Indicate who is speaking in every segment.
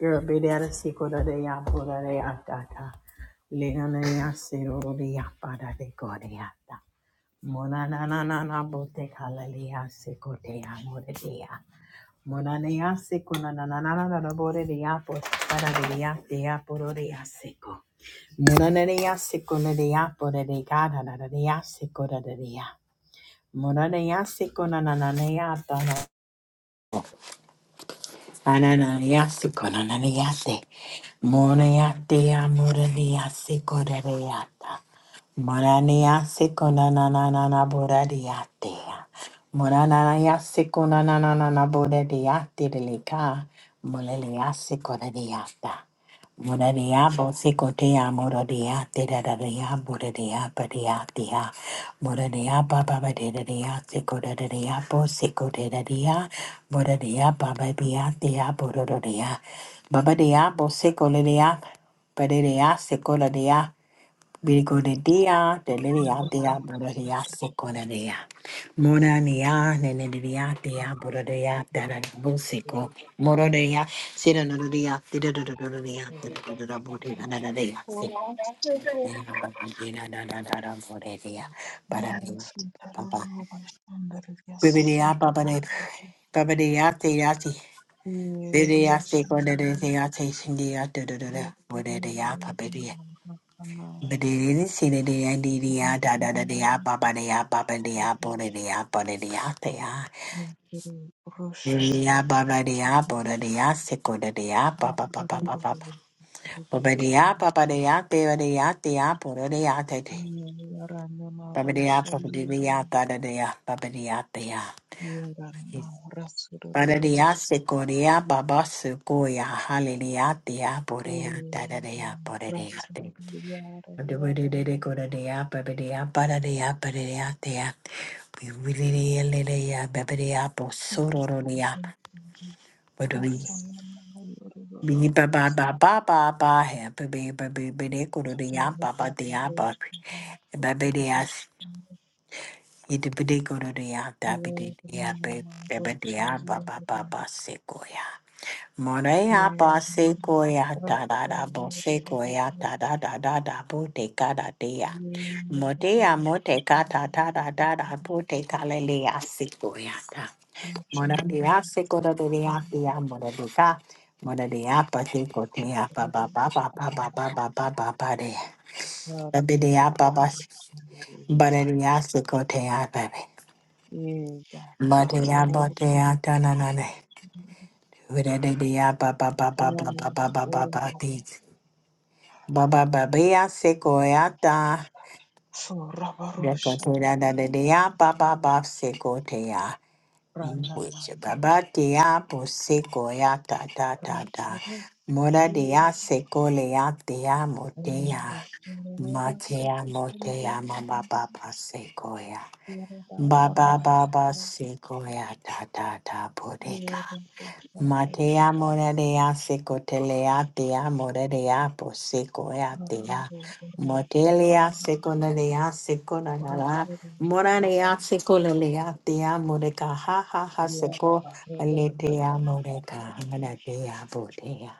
Speaker 1: You're a bit out of sequel de ya, Buddha de ya, data. Leona ya, Sero de ya, Pada de Gordiata. Mona na na na na, Bote Halalia, Seco de ya, Mora de ya. Mona de ya, Seco na na na na na na, na, Bore de ya, Bo- Pada de ya, de ya, Boro de ya, Seco. Mona de ya, Seco na de ya, Bore de Gada, na na de ya, Seco da de ya. Mona de ya, Seco na na na na ya, Ananayasi konanayasi. Monayati amuranayasi korarayata. Moranayasi konananana boradiate. Moranayasi konananana boradiate lelika. Molaleyasi koradiata. Moradia, Bosicotea, Moradia, Dedadadia, Bodadia, Badia, Dia, Moradia, Baba, Dedadia, Sicodadia, Bosicodadia, Moradia, Baba, Bia, Dia, Bodadia, Baba, Dia, Bosicolia, Badia, Birikodedia, deliriadia, borodea, socoladea. Moranea, nenediatia, borodea, dadabusiko, morodea, siranodia, didodododia, didodododia, borodea,
Speaker 2: Thank you.
Speaker 1: barabia, papa. Bibidea, babade, babadea, deati, didia, secondadeate, shindia, dodododa, borodea, Hallelujah. We really really go to the app, baby, the app, bada the app, bada the app, the app. We really really the app, baby, the app, oh, so do do the app. But we be ba ba ba ba ba ba happy baby baby baby go to the app, ba ba the app, ba baby the app. It be they go to the app, that be the app, baby the app, ba ba ba ba se go ya. Moreya base koya da da da bose koya da da da da da bote kada dea. Motea mote kata da da da da bote kalelea sikoya da. Moradea sikoda de dea dea moradeka. Moradea pate kotea ba ba ba ba ba ba ba ba ba ba ba dea. Baby dea ba ba ba baradea sikotea baby. Motea botea tananane. Vidadea ba ba ba ba ba ba ba ba ba
Speaker 2: Rabarusha,
Speaker 1: ba Baba ba ba ba ya seko ya ta. Deko da da da da ya ba ba ba seko te ya. Which ba
Speaker 2: Ranamayo,
Speaker 1: te ya po seko ya da da ta ta. Mora
Speaker 2: Rabarusha,
Speaker 1: de ya seko le ya te ya mo te
Speaker 2: Orang
Speaker 1: ya. Ma te ya mo ya ma ba ba ba ya. Ba ba ba ba seko ya ta ta Matea morea seco telea tea morea po seco atea. Motelia seco lelea seco nanara. Moranea seco lelea tea moreca ha ha ha seco aletea moreca manatea botea.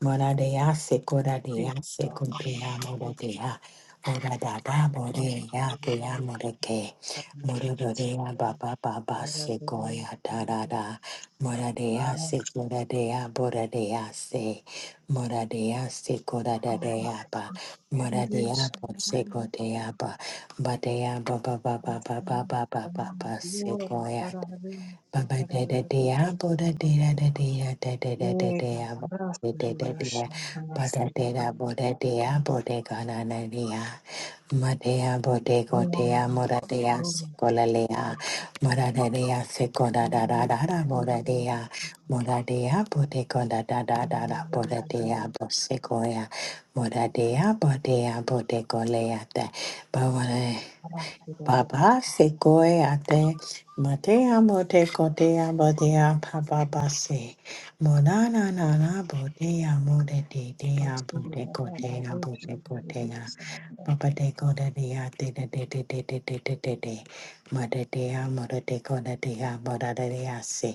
Speaker 1: Moradea seco radea seco tea moradea. Moradada morea tea moreke. Morodea baba baba secoia tarada. Moradea, Sikoradea, Boradea, Se, Moradea, Sikoradeaba, Moradea, Sekodeaba, Badea, Baba, Baba, Baba, Baba, Baba,
Speaker 2: mati orang
Speaker 1: Sekoya.
Speaker 2: para
Speaker 1: Ba ba da da da
Speaker 2: hari
Speaker 1: ya bo da da da da da ya da da da da da
Speaker 2: Yega
Speaker 1: ya bo
Speaker 2: barasta
Speaker 1: da da da da ya
Speaker 2: bashanda
Speaker 1: ba da
Speaker 2: ora
Speaker 1: da da bo da da ya bo da ga na na da ma da ya bo da go
Speaker 2: ora
Speaker 1: da ya mo da da ya se
Speaker 2: ora
Speaker 1: ko la le ya ma da da da ya se ko da da da da da bo da da ya mo da da ya bo da go da da da
Speaker 2: ana
Speaker 1: da da bo
Speaker 2: yari
Speaker 1: da da
Speaker 2: yego
Speaker 1: ya bo se ko ya mo da da ya bo da ya bo da go le ya da ba wa
Speaker 2: barasta goto
Speaker 1: Baba se koe a te, ma te amo te ko te amo te a papa se. monana nana botea Mo na na na na bo te amo te te te a
Speaker 2: barasta goto
Speaker 1: ko te a
Speaker 2: barasta
Speaker 1: ko te
Speaker 2: biya
Speaker 1: a.
Speaker 2: samada
Speaker 1: Papa te ko te te te te te te te te te te te te. Ma te te amo te te ko te te se.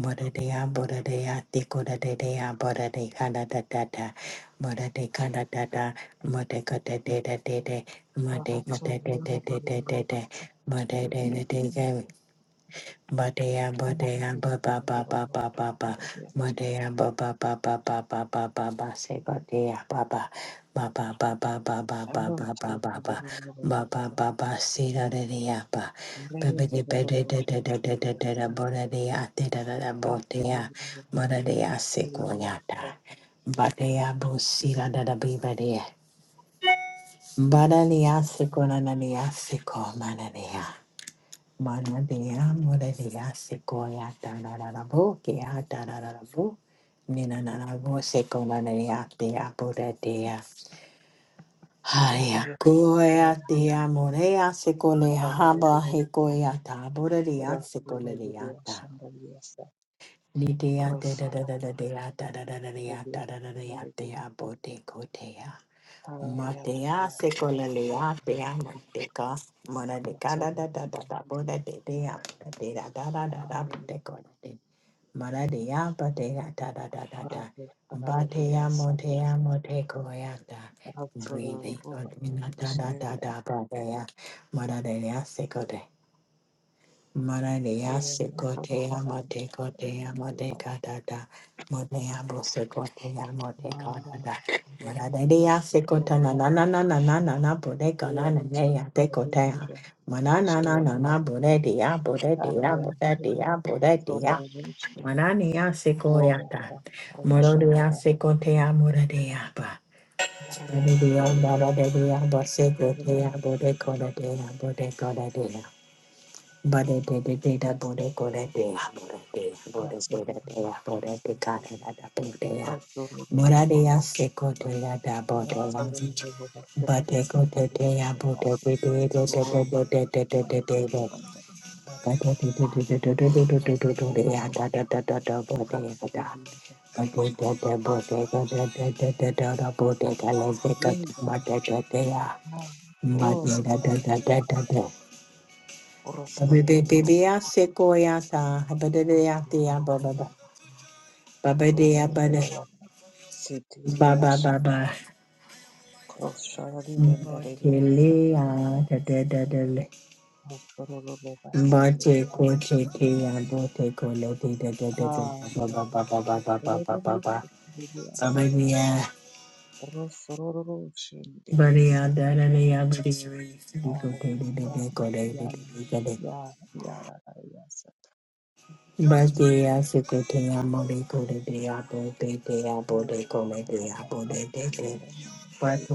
Speaker 1: Bodadea, Bodadea, Dikodadea, Bodade, Kadadadada, Bodade, Kadadada, Modekadadadadade,
Speaker 2: barasta yoro yoro barasta biya
Speaker 1: Modekadadadadadade, Badea,
Speaker 2: ana
Speaker 1: badea,
Speaker 2: yari yoro
Speaker 1: ba ba
Speaker 2: barasta biya ana yari
Speaker 1: ba
Speaker 2: yoro barasta ana yari yoro
Speaker 1: ba ba
Speaker 2: barasta
Speaker 1: ba ba.
Speaker 2: biya samada barasta yoro
Speaker 1: Badea, ba ba ba ba ba ba ba ba ba. Say badea, ba ba ba ba ba ba ba ba ba ba ba ba ba ba ba ba ba. See da da da ba. Ba ba da ba da da da da da da da da. Ba da da da da da da. Ba da ba da da. See
Speaker 2: yoro
Speaker 1: ko ya da.
Speaker 2: barasta
Speaker 1: Badea, bo see da da da ba da. Ba da da see ko na na da see ko ma da da. Manadea Muradea Sequoia Tanarabo Kea Tanarabo Nina Narabo Sequoia Dea Buradea Haya
Speaker 2: Arya
Speaker 1: Goya
Speaker 2: kugaragaza
Speaker 1: Dea Morea Sequoia Haba
Speaker 2: imyigaragambyo
Speaker 1: Hecoia
Speaker 2: ikora
Speaker 1: Taburadea Sequoia
Speaker 2: y'abadiyasanganyika
Speaker 1: Nidea Dea Dea Dea
Speaker 2: Rusororo
Speaker 1: Dea Dea Dea Dea Dea Dea
Speaker 2: rw'abadiyasanganyika
Speaker 1: Dea Dea Dea Matea
Speaker 2: yarabihakanye
Speaker 1: secolalea dea manteca, mona de cada
Speaker 2: Rusororo
Speaker 1: da da da da boda de dea, de da da da da da
Speaker 2: hanyuma
Speaker 1: boteco de mona de ya batea da da da da da, batea
Speaker 2: barabisaruriyasita
Speaker 1: motea moteco yanda, breathing
Speaker 2: Rusororo
Speaker 1: on da da da
Speaker 2: isheja
Speaker 1: da batea, mona de ya Mararia
Speaker 2: yemera
Speaker 1: secotea motecotea
Speaker 2: barabihakanye
Speaker 1: modecadada modeabo secotea
Speaker 2: naba
Speaker 1: modecadada
Speaker 2: yarabihakanye
Speaker 1: Mararia secotana nananananana bodecanana nea
Speaker 2: Rusororo
Speaker 1: decotea
Speaker 2: ishobora
Speaker 1: Manananana bodedia bodedia
Speaker 2: arabihakanye
Speaker 1: bodedia bodedia
Speaker 2: Rusororo
Speaker 1: Manania secoyata
Speaker 2: Oraka
Speaker 1: Morodia
Speaker 2: Ravishabara
Speaker 1: secotea moradiaba
Speaker 2: Maria
Speaker 1: Bodedia
Speaker 2: Terevia
Speaker 1: bodedia
Speaker 2: Terena
Speaker 1: bosecotea bodecodadia bodecodadia Bode de de de da bode kore de ha bode de bode de da
Speaker 2: Ratsodara
Speaker 1: de ha bode de kare
Speaker 2: Mastevi
Speaker 1: da da bode ha
Speaker 2: Rasdoro
Speaker 1: bode de ya
Speaker 2: Baba
Speaker 1: se kote ya da bode la
Speaker 2: Ratsoro
Speaker 1: bode kote de ya bode de de de de de de de de de de de bode de de de de de de de de de de de ya da da da da da bode ya da
Speaker 2: Baba
Speaker 1: bode de de bode de de de de de de da bode kale se kote
Speaker 2: Yenga
Speaker 1: bode de de ya
Speaker 2: oh,
Speaker 1: bode da da
Speaker 2: Karaka
Speaker 1: da da
Speaker 2: Yaga
Speaker 1: da da
Speaker 2: Orosoro
Speaker 1: Babede
Speaker 2: Baba
Speaker 1: bebea sequoiata, habedea dea baba, babedea
Speaker 2: Orosoro
Speaker 1: bada,
Speaker 2: Baba
Speaker 1: baba
Speaker 2: Siti
Speaker 1: baba,
Speaker 2: Crosshariri and Dariri Asatari
Speaker 1: botelea da da da da le,
Speaker 2: Rosarolo Basitari
Speaker 1: bote cote tea, bote colete da da da da,
Speaker 2: Ah
Speaker 1: baba baba baba
Speaker 2: Riri
Speaker 1: baba baba,
Speaker 2: Riri Asana
Speaker 1: babedea,
Speaker 2: Rosororo Shindiri
Speaker 1: badea
Speaker 2: Asa
Speaker 1: da da dea, badea,
Speaker 2: Orga
Speaker 1: cote de de de
Speaker 2: Rama
Speaker 1: cote de
Speaker 2: Yan
Speaker 1: de de de.
Speaker 2: Ya Yara Yasa Rosarolo
Speaker 1: Badea sequoia, mole
Speaker 2: Oh
Speaker 1: cote dea, bote dea, bote colete dea, bote de de.
Speaker 2: Riri
Speaker 1: Hallelujah.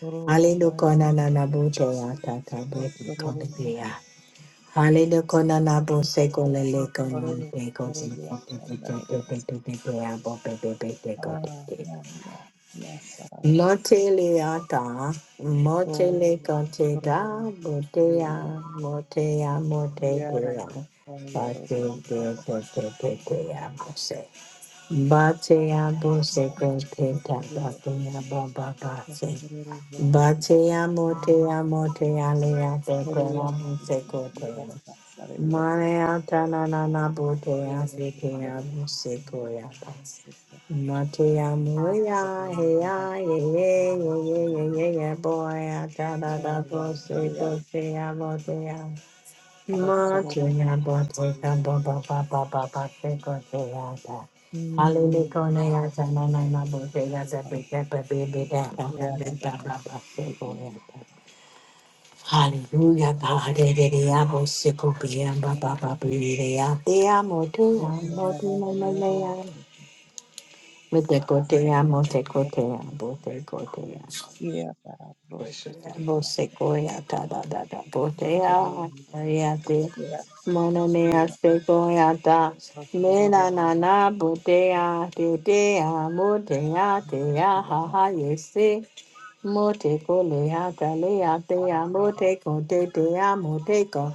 Speaker 2: Riri Rosarolo Forever, yes. Ah, yeah, yeah, yeah, Sarabas. Oh, forever, yeah, yeah, and from Yaroro, Rabba,
Speaker 1: Batea bose kota
Speaker 2: Forever,
Speaker 1: batea baba base.
Speaker 2: forever, Rabas.
Speaker 1: Batea motea motea lea te
Speaker 2: Korea,
Speaker 1: kora bose kotea.
Speaker 2: Yaraba, Sarabas.
Speaker 1: Marea tanana botea
Speaker 2: Oh,
Speaker 1: sekea
Speaker 2: yeah,
Speaker 1: bose koya base. Matea moya hea ye ye ye ye ye ye ye boya tada da bose
Speaker 2: yeah,
Speaker 1: kotea motea.
Speaker 2: Rasororo.
Speaker 1: Montana, Botica, Baba, Baba, Baba, Fico, Teata. Hallelujah,
Speaker 2: Hmm,
Speaker 1: Tana, Nana, Botica, Zabika, Baby, Data, Tambin, Baba, Fico, Yata. Hallelujah, God, Ediabo, Sico, Piam, Baba, Babiria, Te amo, te amo, te amo, te amo. Me Te cote amo, te cote amo, te cote amo. Bosecoya da da da da botea ariate monomea secoya da mena na na botea de dea motea dea ha ha yese moteco leata leatea moteco de dea moteco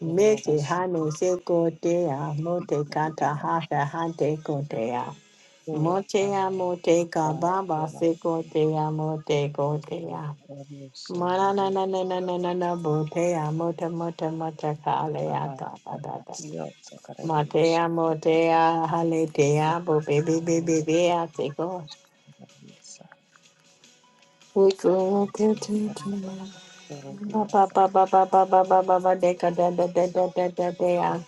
Speaker 1: mete hano seco dea motecata ha ha ha teco dea motea moteca baba seco dea moteco dea Mana na na na na na na na botea mota mota mota kalea ta da da da. Matea motea haletea bo baby baby bea teko. We go to to to ba ba ba ba ba ba ba ba ba ba deka da da da da da da
Speaker 2: The
Speaker 1: dea.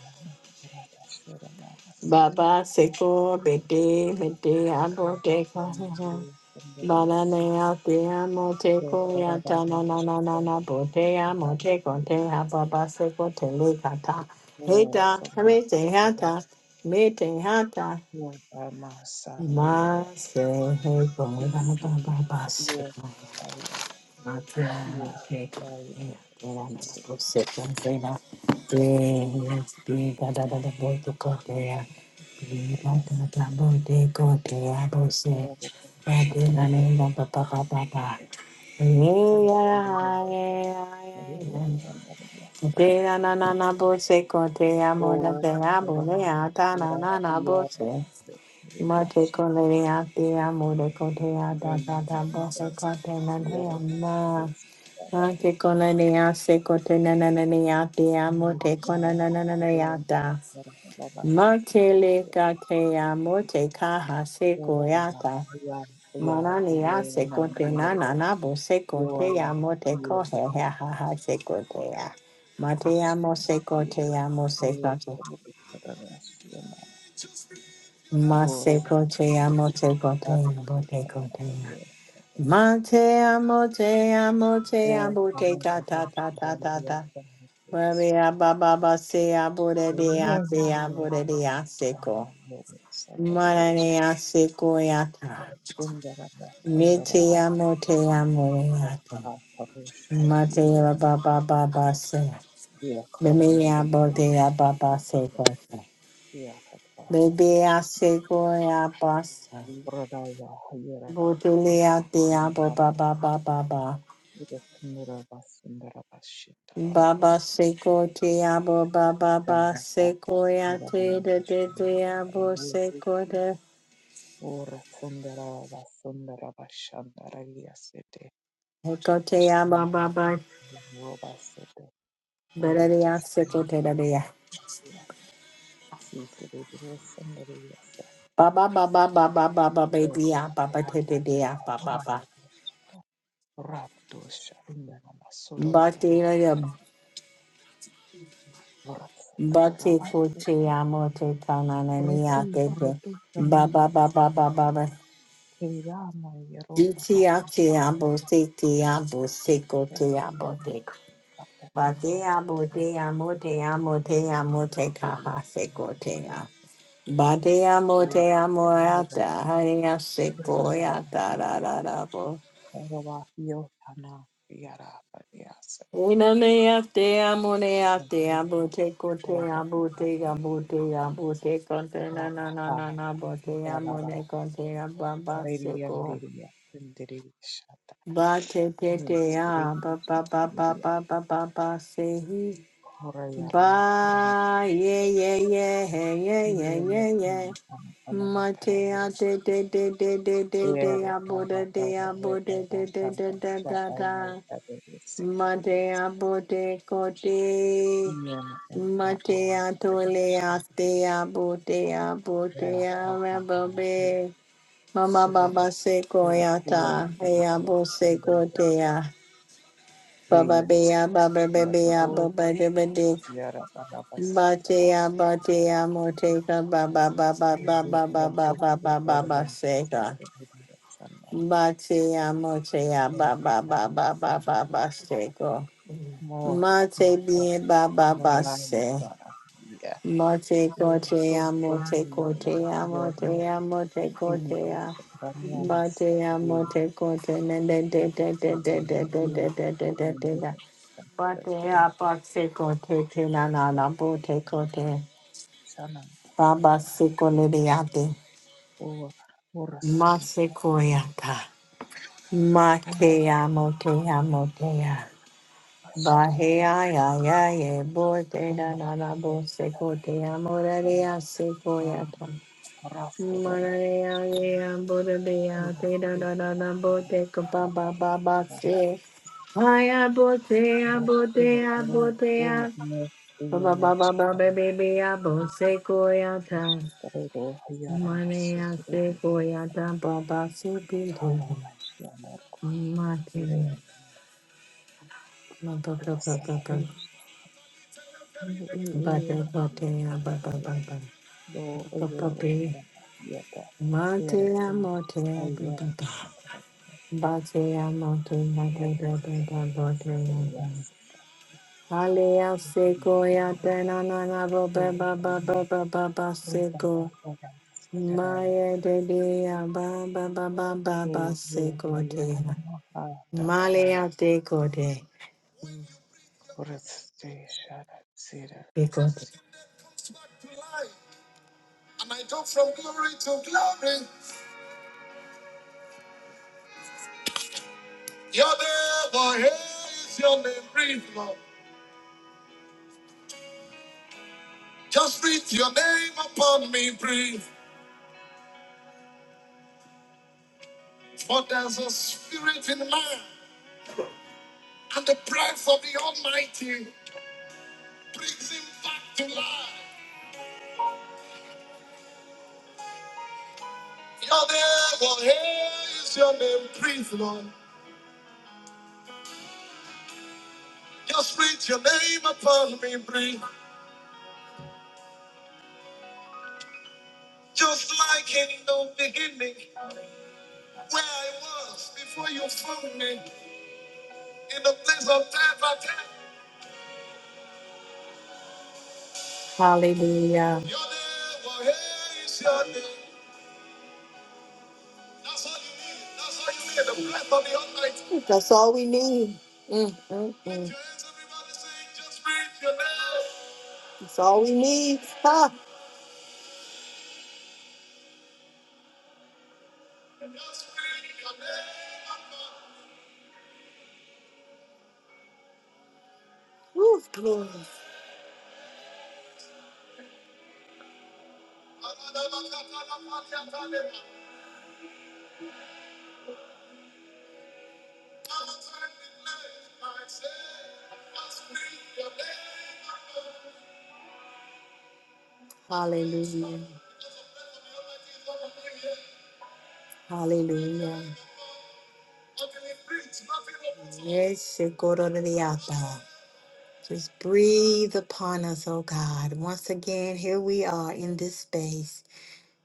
Speaker 1: Baba seko bete bete abo deka. Banana, te amo, te coya, ta na na na na na, po te amo, te con te ha, pa se co te le
Speaker 2: world is
Speaker 1: Heta, me
Speaker 2: full
Speaker 1: te hata, me te hata,
Speaker 2: of
Speaker 1: ma se he co, ra pa pa pa se co. Mate
Speaker 2: love.
Speaker 1: con le ate amo le cote a da da da bo se cote na Ate kona ne ase kote na na na ne ate amo te kona na na na ne ata. Makele ka te amo te kaha se koyata. Manani ase kote na na na bo se kote amo te kohe he ha ha se kote ya. Mate amo se kote amo se kote. Ma se kote amo te kote amo te kote ya. Mate amo te amo te amo te ta ta ta ta ta ta. Rabia Baba Basia Buddha Diatia Buddha Diasiko. Manania Siko Yata.
Speaker 2: Sundaraba Sundaraba
Speaker 1: Nitia Motea Muriata.
Speaker 2: Kaha Pavusha
Speaker 1: Matea Baba Baba Se.
Speaker 2: Yakubia Kramindu
Speaker 1: Bemia Bodea Baba Siko.
Speaker 2: Yafatara
Speaker 1: Bebia Siko Yabasa.
Speaker 2: Pradaya Hayara
Speaker 1: Botulia Diabo
Speaker 2: Nandaba
Speaker 1: Baba Baba Baba.
Speaker 2: Yuga Sundaraba Sundaraba
Speaker 1: Baba
Speaker 2: Shitarabas
Speaker 1: Siko Tiabo Baba Baba
Speaker 2: Gandaba
Speaker 1: Siko Yate
Speaker 2: Muramana
Speaker 1: de Diabo
Speaker 2: Shandara Ura Sundaraba Sundaraba Shandara Yasete
Speaker 1: Ototea ba ba ba
Speaker 2: Roba Sete Ura
Speaker 1: bereya seko
Speaker 2: Tashandara
Speaker 1: tereya
Speaker 2: Yasete Sundari
Speaker 1: ba ba ba ba ba ba ba ba
Speaker 2: Eka
Speaker 1: bebeya ba ba te te te ya
Speaker 2: Ramanaga
Speaker 1: ba ba ba
Speaker 2: Horadavashika Rapdosha Indanama Sodor
Speaker 1: ba te la
Speaker 2: Karedi
Speaker 1: ya ba te ko
Speaker 2: Vrasakaravati
Speaker 1: te ya mo te ta na na ni
Speaker 2: Roshi
Speaker 1: kanana te te
Speaker 2: Mritusha
Speaker 1: ba ba
Speaker 2: Namas
Speaker 1: ba ba ba ba ba
Speaker 2: Kirama Yero
Speaker 1: jitiya ya te ya bo se teya bo seko teya bo
Speaker 2: Rasakayama
Speaker 1: te ko. ba te
Speaker 2: Patamas
Speaker 1: ya bo te ya mo te ya mo te ya mo te ka ha se ko te ya. Bade amo te amo ata haya se da da da da bo.
Speaker 2: Yotana Yara Padias
Speaker 1: Una ne ate amo
Speaker 2: and
Speaker 1: ate amo
Speaker 2: Kino
Speaker 1: te ko te
Speaker 2: or
Speaker 1: amo kote na na na
Speaker 2: Rabha
Speaker 1: na na bote
Speaker 2: Garaba
Speaker 1: te kote ne seko bate amo ba
Speaker 2: Karedian Diria Diri
Speaker 1: Ba te te te
Speaker 2: Mwisikilivu
Speaker 1: ba ba ba ba
Speaker 2: msikilivu
Speaker 1: ba ba ba ba se
Speaker 2: hora ya la haram
Speaker 1: Ba ye ye ye hey ye ye
Speaker 2: yeye
Speaker 1: ye ye.
Speaker 2: kama ana ana
Speaker 1: Mate a
Speaker 2: matarajio
Speaker 1: de de de de de de
Speaker 2: yeye ana
Speaker 1: de a bo de de a
Speaker 2: ana we
Speaker 1: bo de de
Speaker 2: ana
Speaker 1: de de
Speaker 2: ana
Speaker 1: de
Speaker 2: cha
Speaker 1: da
Speaker 2: aye
Speaker 1: da.
Speaker 2: ana msikilivu yeye
Speaker 1: Mate a bo de ko de.
Speaker 2: ana ana
Speaker 1: Mate
Speaker 2: ana
Speaker 1: a to le a te a bo de a bo de
Speaker 2: ya
Speaker 1: a
Speaker 2: hapa
Speaker 1: re bo
Speaker 2: ana
Speaker 1: be. Mama
Speaker 2: sura
Speaker 1: baba se ko
Speaker 2: ya
Speaker 1: ya
Speaker 2: uwe
Speaker 1: ta. Hey a
Speaker 2: mtarajio
Speaker 1: bo se
Speaker 2: kumbe
Speaker 1: ko
Speaker 2: ya
Speaker 1: te a. Baba
Speaker 2: yeye
Speaker 1: be a baba be
Speaker 2: ya
Speaker 1: be a
Speaker 2: roho
Speaker 1: bo
Speaker 2: yara ana basi tera
Speaker 1: Batea batea moteka ba ba ba ba ba
Speaker 2: yeye
Speaker 1: ba ba ba
Speaker 2: rato
Speaker 1: ba ba ba
Speaker 2: yeye
Speaker 1: ba
Speaker 2: ana
Speaker 1: seka.
Speaker 2: msikilivu sana
Speaker 1: Batea motea ba ba ba ba ba ba ba seko.
Speaker 2: More,
Speaker 1: Mate
Speaker 2: my God,
Speaker 1: bien ba ba
Speaker 2: more
Speaker 1: ba
Speaker 2: light, my
Speaker 1: se.
Speaker 2: God. Hallelujah.
Speaker 1: Mate
Speaker 2: Your two
Speaker 1: kotea mote
Speaker 2: family, one,
Speaker 1: kotea
Speaker 2: your
Speaker 1: motea mote
Speaker 2: baby,
Speaker 1: kotea.
Speaker 2: Shakramia,
Speaker 1: Batea
Speaker 2: Masitri,
Speaker 1: mote kote ne de de de de
Speaker 2: Sita,
Speaker 1: de de de de
Speaker 2: your
Speaker 1: de de de de
Speaker 2: Linda,
Speaker 1: de.
Speaker 2: Tatrin,
Speaker 1: Batea bakse kote te te na na na bote kote.
Speaker 2: Shana,
Speaker 1: Baba
Speaker 2: Masada,
Speaker 1: Sikoliriate,
Speaker 2: or Urasuna,
Speaker 1: Masekoyata,
Speaker 2: or
Speaker 1: Makea Motea Motea,
Speaker 2: Ashara,
Speaker 1: Bahea Yaya Ye
Speaker 2: or
Speaker 1: Botena
Speaker 2: Mahana,
Speaker 1: Nanabo
Speaker 2: Yarbo,
Speaker 1: Sekotea
Speaker 2: or
Speaker 1: Morea
Speaker 2: Anna,
Speaker 1: Sekoyata,
Speaker 2: Rasura,
Speaker 1: Morea Yea Bodea
Speaker 2: or
Speaker 1: Teda
Speaker 2: Sita,
Speaker 1: Nana Boteco Baba Baba Se. Hiya, botea,
Speaker 2: or Sita,
Speaker 1: botea,
Speaker 2: or
Speaker 1: botea. Ba ba ba ba
Speaker 2: Sita,
Speaker 1: ba ba ba ba ba. Bosekoyata.
Speaker 2: Rero yaramba
Speaker 1: Money I
Speaker 2: soguru
Speaker 1: say for ya da ba ba so be living.
Speaker 2: ihara bashiyanarwa ire
Speaker 1: Martin, ba ba ba ba
Speaker 2: dusa
Speaker 1: ba ba.
Speaker 2: abenshi
Speaker 1: Ba
Speaker 2: iya
Speaker 1: da ba
Speaker 2: mahari
Speaker 1: da ya ba ba ba
Speaker 2: abaya
Speaker 1: ba.
Speaker 2: do
Speaker 1: Ba
Speaker 2: oyo
Speaker 1: ba be.
Speaker 2: araba yata
Speaker 1: Monte
Speaker 2: ere
Speaker 1: ya
Speaker 2: uyu
Speaker 1: monte ya ba
Speaker 2: aya
Speaker 1: ba ba.
Speaker 2: satara
Speaker 1: Ba se ya monte ya
Speaker 2: ere
Speaker 1: da da da
Speaker 2: satara
Speaker 1: da ba da ya
Speaker 2: masitara
Speaker 1: da.
Speaker 2: yasitara
Speaker 1: Hale ya se go ya
Speaker 2: mabanga
Speaker 1: da na na na ba ba
Speaker 2: ere
Speaker 1: ba ba
Speaker 2: kurama
Speaker 1: ba ba ba ba se
Speaker 2: ruta
Speaker 1: go.
Speaker 2: baga sitara
Speaker 1: Ma
Speaker 2: yaka
Speaker 1: de de ya ba ba ba ba ba
Speaker 2: uyu
Speaker 1: ba se
Speaker 2: uyu
Speaker 1: go
Speaker 2: aya
Speaker 1: te ya.
Speaker 2: kanama ata
Speaker 1: Malaya
Speaker 2: kaya
Speaker 1: de Gode.
Speaker 2: kurasite shara zira
Speaker 1: De Gode. And I go from glory to glory. Your name, oh, hey, is your name, breathe, Lord. Just breathe your name upon me, breathe. For there's a spirit in man, and the breath of the Almighty brings him back to life. Your name, oh, hey, is your name, breathe, Lord. Just breathe your name upon me, breathe. Just like in the beginning. where I was before you found me in the place of time. Hallelujah. Your name, oh, hey, is your name. That's all you need. That's all you need. The breath of the Almighty. That's all we need. Mm, mm, mm. Lift your hands, everybody, say, "Just breathe your name." That's all we need. Ha. Just breathe your name, oh God. Woo, glory. Hallelujah. Hallelujah. Yes, Shekororiata. Just breathe upon us, oh God. Once again, here we are in this space.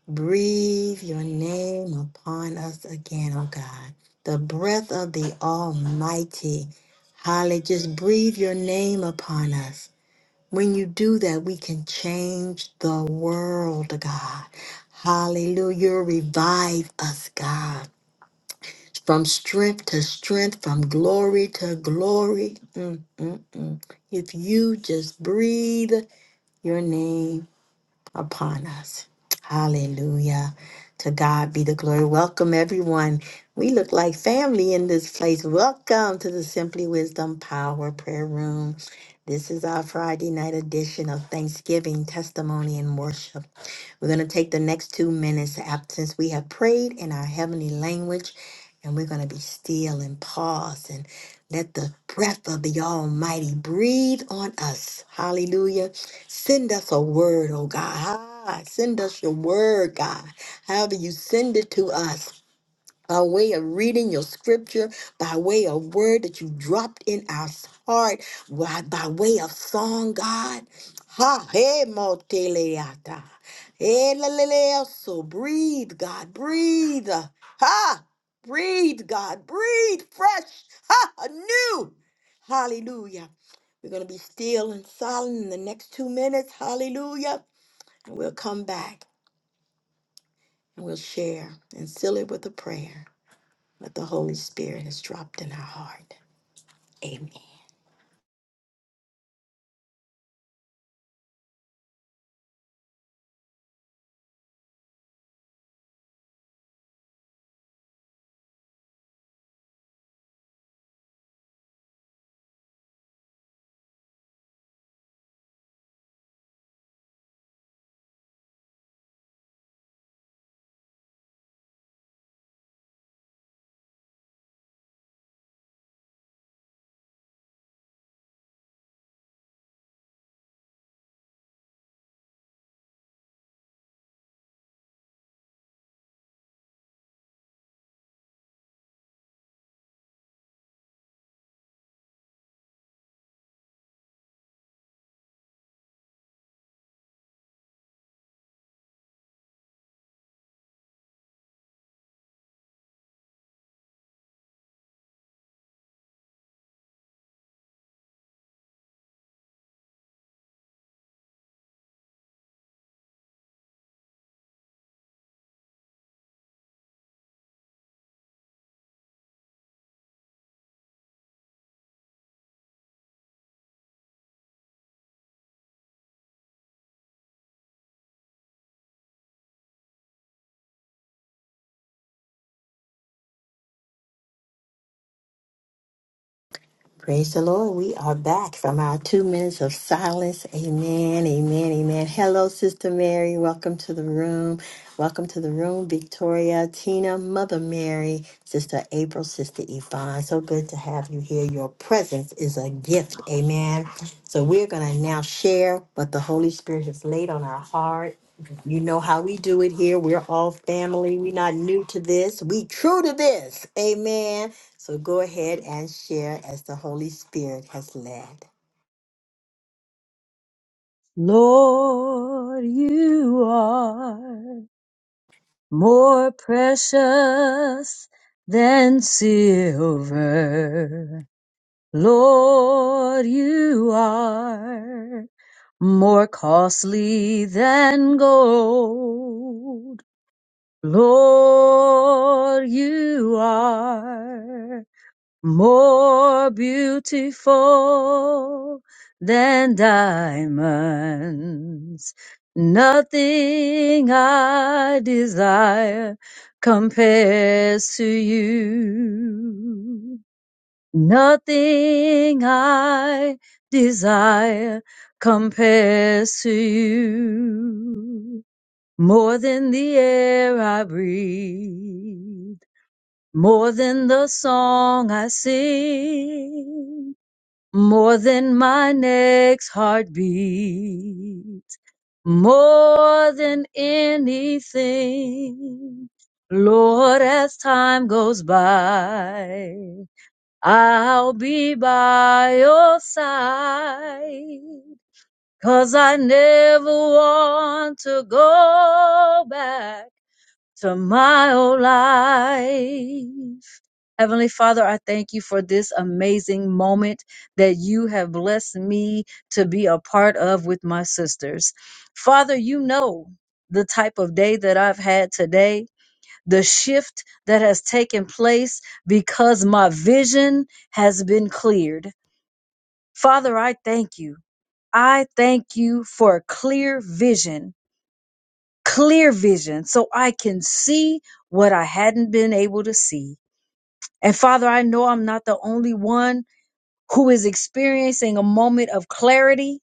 Speaker 1: Breathe your name upon us again, oh God. The breath of the Almighty. Hallelujah. Just breathe your name upon us. When you do that, we can change the world, God. Hallelujah. Revive us, God. From strength to strength, from glory to glory. Mm, mm, mm. If you just breathe your name upon us. Hallelujah. To God be the glory. Welcome, everyone. We look like family in this place. Welcome to the Simply Wisdom Power Prayer Room. This is our Friday night edition of Thanksgiving, Testimony, and Worship. We're going to take the next two minutes after, since we have prayed in our heavenly language, and we're going to be still and pause. And let the breath of the Almighty breathe on us. Hallelujah. Send us a word, oh God. Ah, Send us your word, God. However, you send it to us by way of reading your scripture, by way of word that you dropped in our heart, by, by way of song, God. Ha, he moteleata. so breathe, God, breathe. Ha, breathe, God, breathe fresh. Ha, anew. Hallelujah. We're going to be still and silent in the next two minutes. Hallelujah. And we'll come back and we'll share and seal it with a prayer that the Holy Spirit has dropped in our heart. Amen. Praise the Lord. We are back from our two minutes of silence. Amen. Amen. Amen. Hello, Sister Mary. Welcome to the room. Welcome to the room, Victoria, Tina, Mother Mary, Sister April, Sister Yvonne. So good to have you here. Your presence is a gift. Amen. So we're going to now share what the Holy Spirit has laid on our heart. You know how we do it here. We're all family. We're not new to this. We true to this. Amen. So go ahead and share as the Holy Spirit has led.
Speaker 3: Lord, you are more precious than silver. Lord, you are more costly than gold. Lord, you are more beautiful than diamonds. Nothing I desire compares to you. Nothing I desire compares to you. More than the air I breathe more than the song I sing, more than my next heartbeat, more than anything. Lord, as time goes by, I'll be by your side, 'cause I never want to go back to my old life. Heavenly Father, I thank you for this amazing moment that you have blessed me to be a part of with my sisters. Father, you know the type of day that I've had today, the shift that has taken place because my vision has been cleared. Father, I thank you. I thank you for clear vision, clear vision, so I can see what I hadn't been able to see. And Father, I know I'm not the only one who is experiencing a moment of clarity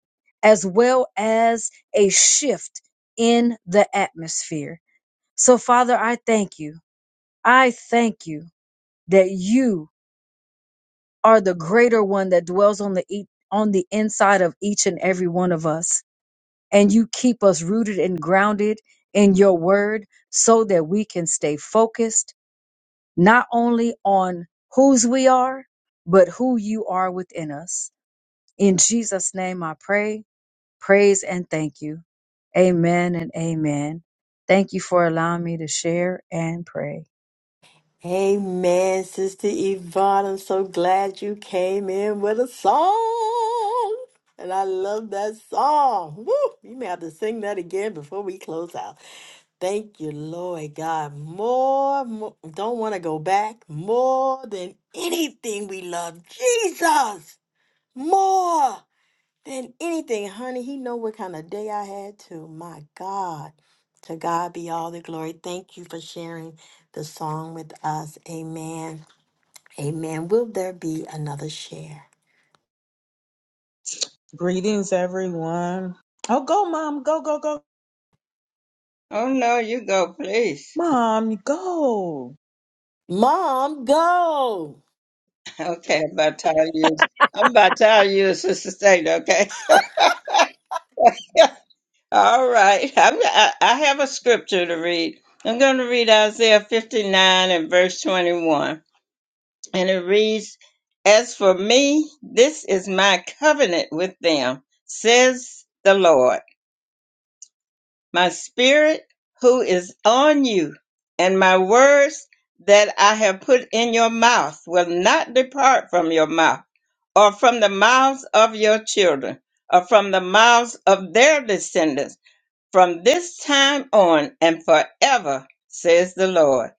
Speaker 3: as well as a shift in the atmosphere. So, Father, I thank you. I thank you that you are the greater one that dwells on the e- on the inside of each and every one of us, and you keep us rooted and grounded in your word so that we can stay focused not only on whose we are, but who you are within us. In Jesus' name I pray praise and thank you. Amen and amen. Thank you for allowing me to share and pray.
Speaker 1: Amen, Sister Yvonne. I'm so glad you came in with a song. And I love that song. Woo! You may have to sing that again before we close out. Thank you, Lord God. More, more don't want to go back. More than anything we love. Jesus. More. than anything, honey. He know what kind of day I had too. My God. To God be all the glory. Thank you for sharing the song with us. Amen. Amen. Will there be another share?
Speaker 2: Greetings, everyone. Oh, go, mom. Go, go, go.
Speaker 4: Oh no, you go, please.
Speaker 2: Mom, go.
Speaker 1: Mom, go.
Speaker 4: Okay, I'm about tired of you. I'm about tired of you, Sister State. Okay. All right. I'm, I, I have a scripture to read. I'm going to read Isaiah 59 and verse 21, and it reads, "As for me, this is my covenant with them," says the Lord. "My spirit, who is on you, and my words that I have put in your mouth will not depart from your mouth." or from the mouths of your children, or from the mouths of their descendants from this time on and forever, says the Lord.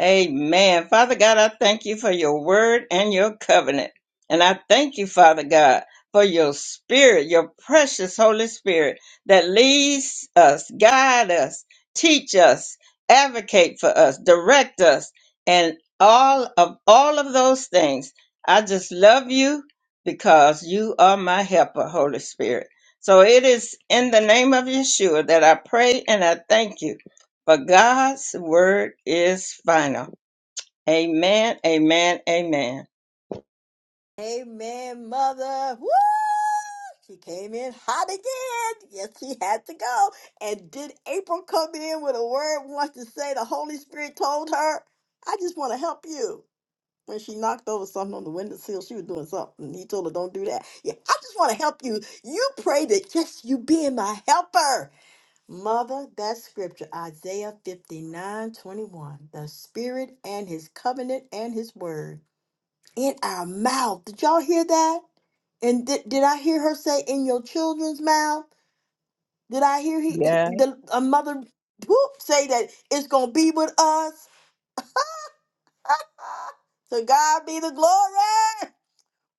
Speaker 4: Amen. Father God, I thank you for your word and your covenant. And I thank you, Father God, for your spirit, your precious Holy Spirit that leads us, guide us, teach us, advocate for us, direct us, and all of all of those things. I just love you because you are my helper, Holy Spirit. So it is in the name of Yeshua that I pray and I thank you. For God's word is final. Amen, amen, amen.
Speaker 1: Amen, mother. Woo! She came in hot again. Yes, she had to go. And did April come in with a word once to say the Holy Spirit told her, I just want to help you? when she knocked over something on the windowsill, she was doing something. He told her, Don't do that. Yeah, I just want to help you. You pray that just you being my helper. Mother, that scripture, Isaiah 59 21, The Spirit and His covenant and His word in our mouth. Did y'all hear that? And did, did I hear her say in your children's mouth? Did I hear he, he-
Speaker 2: Yeah.
Speaker 1: the a mother whoop, say that it's gonna be with us? to God be the glory.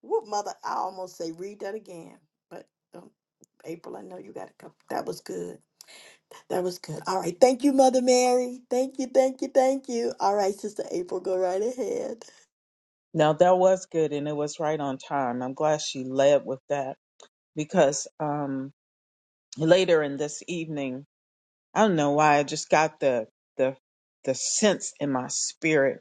Speaker 1: Whoop, mother. I almost say read that again, but um, April, I know you got to come. That was good. That was good. All right. Thank you, Mother Mary. Thank you. Thank you. Thank you. All right, Sister April, go right ahead.
Speaker 2: Now, that was good, and it was right on time. I'm glad she led with that because um, later in this evening, I don't know why, I just got the, the, the sense in my spirit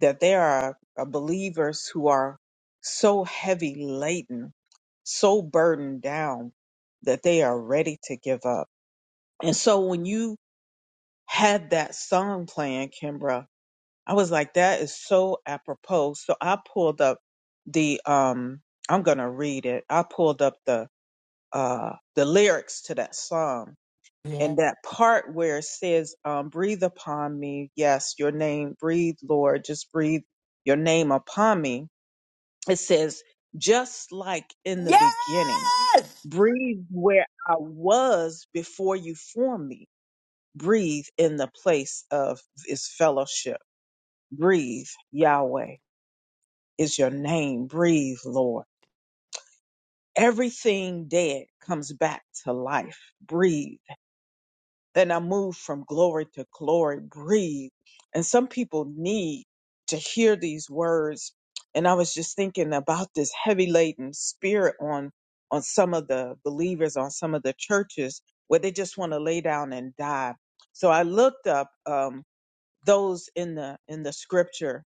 Speaker 2: that there are uh, believers who are so heavy laden, so burdened down that they are ready to give up. And so when you had that song playing, Kimbra. I was like, that is so apropos. So I pulled up the um I'm gonna read it. I pulled up the uh the lyrics to that song
Speaker 1: Yeah.
Speaker 2: and that part where it says, um, breathe upon me, yes, your name, breathe, Lord, just breathe your name upon me. It says, just like in the beginning,
Speaker 1: Yes.
Speaker 2: breathe where I was before you formed me Breathe in the place of this fellowship. Breathe, Yahweh is your name. Breathe, Lord. Everything dead comes back to life. Breathe. Then I move from glory to glory. Breathe. And some people need to hear these words. And I was just thinking about this heavy laden spirit on on some of the believers, on some of the churches, where they just want to lay down and die. So I looked up. Um, those in the in the scripture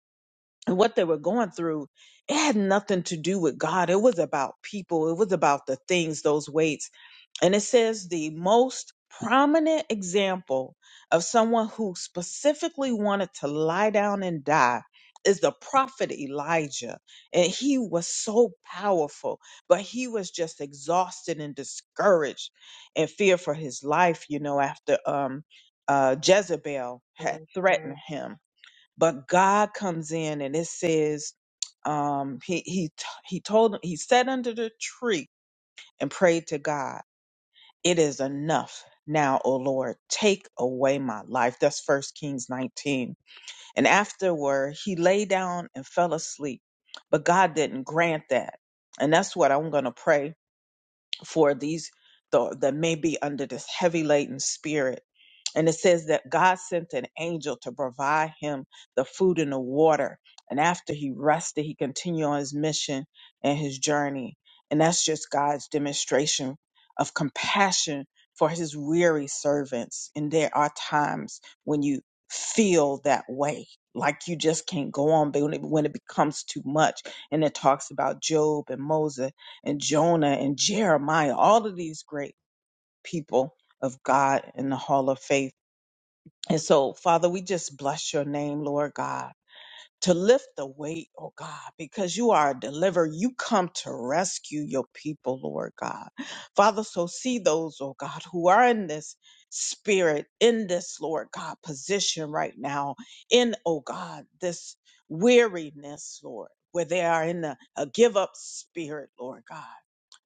Speaker 2: and what they were going through, it had nothing to do with God. It was about people, it was about the things, those weights. And it says the most prominent example of someone who specifically wanted to lie down and die is the prophet Elijah. And he was so powerful, but he was just exhausted and discouraged and fear for his life, you know, after um uh Jezebel had Yes, threatened him. But God comes in and it says, um, he he t- he told him he sat under the tree and prayed to God. It is enough now, O Lord, take away my life. That's First Kings 19. And afterward, he lay down and fell asleep. But God didn't grant that, and that's what I'm gonna pray for these th- that may be under this heavy laden spirit. And it says that God sent an angel to provide him the food and the water. And after he rested, he continued on his mission and his journey. And that's just God's demonstration of compassion for his weary servants. And there are times when you feel that way, like you just can't go on, but when it, when it becomes too much. And it talks about Job and Moses and Jonah and Jeremiah, all of these great people of God in the hall of faith. And so, Father, we just bless your name, Lord God, to lift the weight, oh God, because you are a deliverer. You come to rescue your people, Lord God. Father, so see those, oh God, who are in this spirit, in this, Lord God, position right now, in, oh God, this weariness, Lord, where they are in a, a give up spirit, Lord God.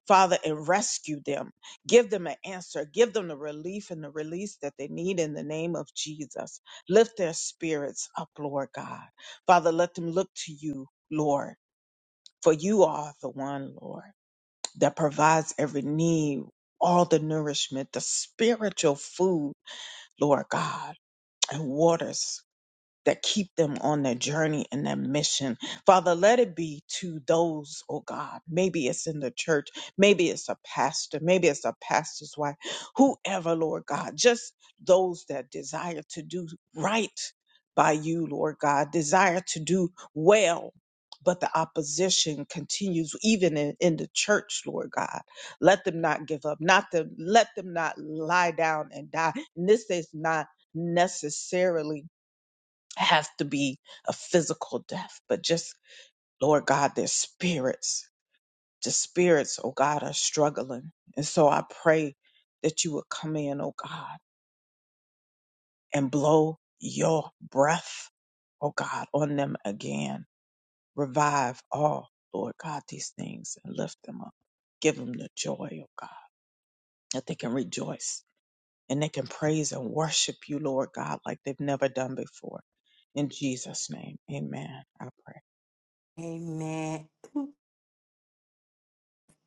Speaker 2: Father, and rescue them. Give them an answer. Give them the relief and the release that they need in the name of Jesus. Lift their spirits up, Lord God. Father, let them look to you, Lord, for you are the one, Lord, that provides every need, all the nourishment, the spiritual food, Lord God, and waters that keep them on their journey and their mission. Father, let it be to those, oh God, maybe it's in the church, maybe it's a pastor, maybe it's a pastor's wife, whoever, Lord God, just those that desire to do right by you, Lord God, desire to do well. But the opposition continues even in, in the church, Lord God. Let them not give up. Not them, let them not lie down and die. And this is not necessarily have to be a physical death, but just, Lord God, their spirits, the spirits, oh God, are struggling. And so I pray that you would come in, oh God, and blow your breath, oh God, on them again. Revive all, Lord God, these things and lift them up. Give them the joy, oh God, that they can rejoice and they can praise and worship you, Lord God, like they've never done before. In Jesus' name, amen. I pray.
Speaker 1: Amen.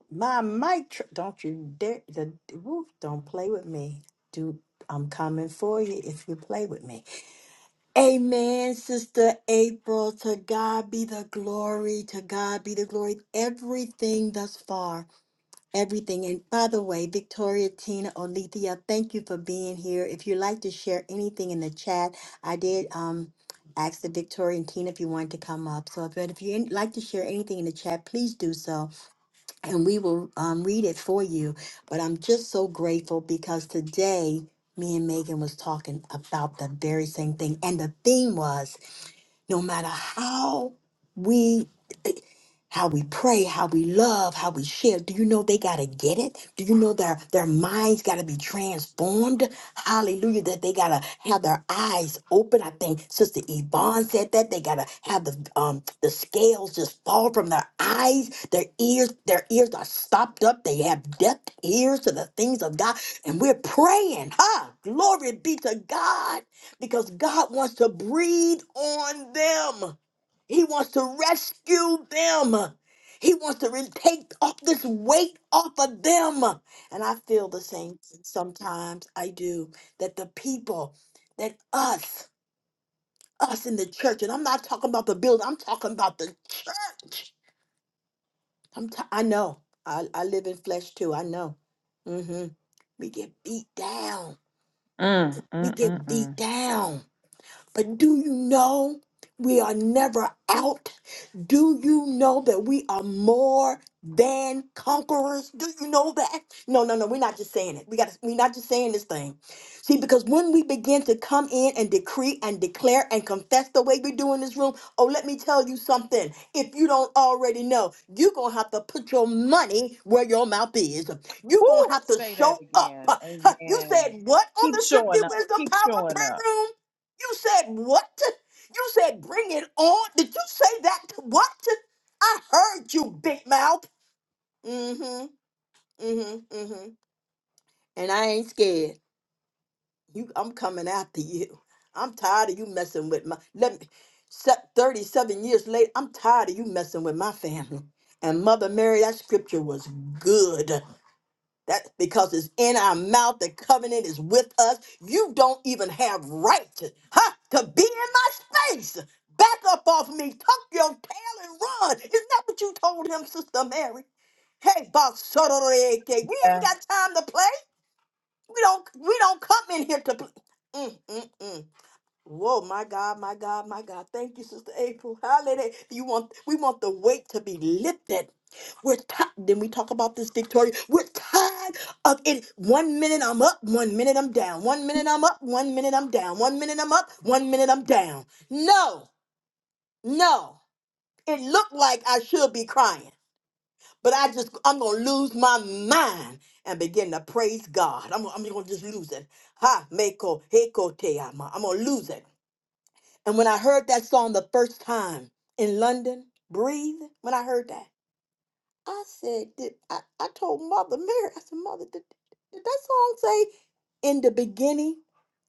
Speaker 1: My mic. Tr- don't you dare. The, woo, don't play with me. Do I'm coming for you if you play with me. Amen, Sister April. To God be the glory. To God be the glory. Everything thus far. everything. And by the way, Victoria, Tina, Olethea, thank you for being here. If you'd like to share anything in the chat, I did um ask the Victoria and Tina if you wanted to come up. So but if you'd like to share anything in the chat, please do so, and we will um, read it for you. But I'm just so grateful because today me and Megan was talking about the very same thing, and the theme was no matter how we how we pray, how we love, how we share. Do you know they gotta get it? Do you know their their minds gotta be transformed? Hallelujah! That they gotta have their eyes open. I think Sister Yvonne said that they gotta have the um the scales just fall from their eyes. Their ears their ears are stopped up. They have deaf ears to the things of God, and we're praying. Huh? Glory be to God because God wants to breathe on them. He wants to rescue them. He wants to re- take off this weight off of them. And I feel the same thing sometimes I do that the people, that us, us in the church, and I'm not talking about the building, I'm talking about the church. I'm t- I know. I, I live in flesh too. I know. hmm We get beat down.
Speaker 2: Mm,
Speaker 1: We
Speaker 2: mm, mm,
Speaker 1: get
Speaker 2: mm.
Speaker 1: beat down But do you know we are never out? Do you know that we are more than conquerors? Do you know that? No, no, no. We're not just saying it. We got. We're not just saying this thing. See, because when we begin to come in and decree and declare and confess the way we do in this room, oh, let me tell you something. If you don't already know, you're gonna have to put your money where your mouth is. You're gonna
Speaker 2: Woo!
Speaker 1: have to
Speaker 2: Say that
Speaker 1: show up.
Speaker 2: again.
Speaker 1: You
Speaker 2: Amen.
Speaker 1: said what on
Speaker 2: Keep
Speaker 1: the Simply
Speaker 2: showing up.
Speaker 1: Wisdom
Speaker 2: Keep
Speaker 1: Power
Speaker 2: showing
Speaker 1: Prayer
Speaker 2: up.
Speaker 1: Room? You said what? You said bring it on. Did you say that? to What? I heard you, big mouth. Mm-hmm. Mm-hmm. Mm-hmm. And I ain't scared. You I'm coming after you. I'm tired of you messing with my let me se- 37 years later, I'm tired of you messing with my family. And Mother Mary, that scripture was good. That's because it's in our mouth, the covenant is with us. You don't even have right, huh, to be in my space. Back up off me, tuck your tail and run. Isn't that what you told him, Sister Mary? Hey, boss, we ain't
Speaker 2: Yes.
Speaker 1: got time to play. We don't, we don't come in here to play. Whoa, my God, my God, my God. Thank you, Sister April. Hallelujah. You want we want the weight to be lifted. We're tired. Then we talk about this, Victoria. We're tired of it. One minute I'm up, one minute I'm down. One minute I'm up, one minute I'm down. One minute I'm up, one minute I'm down. No, no. It looked like I should be crying, but I just I'm gonna lose my mind and begin to praise God. I'm, I'm gonna just lose it. Ha, meko, heko, te ama. I'm gonna lose it. And when I heard that song the first time in London, Breathe, when I heard that, I said, did, I, I told Mother Mary, I said, Mother, did, did that song say, In the beginning,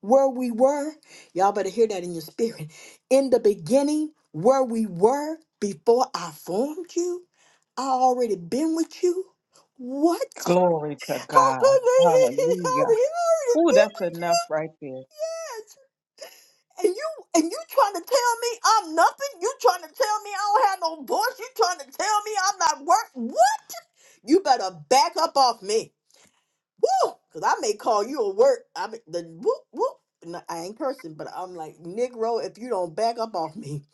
Speaker 1: where we were? Y'all better hear that in your spirit. In the beginning, where we were before I formed you, I already been with you. What?
Speaker 2: Glory to
Speaker 1: I
Speaker 2: God.
Speaker 1: already, I
Speaker 2: Hallelujah.
Speaker 1: already
Speaker 2: Ooh,
Speaker 1: been
Speaker 2: that's
Speaker 1: with
Speaker 2: enough right there.
Speaker 1: you. And you and you trying to tell me I'm nothing? You trying to tell me I don't have no voice? You trying to tell me I'm not worth what? You better back up off me. Woo! Cause I may call you a work. I mean the whoop whoop. No, I ain't cursing, but I'm like, Negro, if you don't back up off me,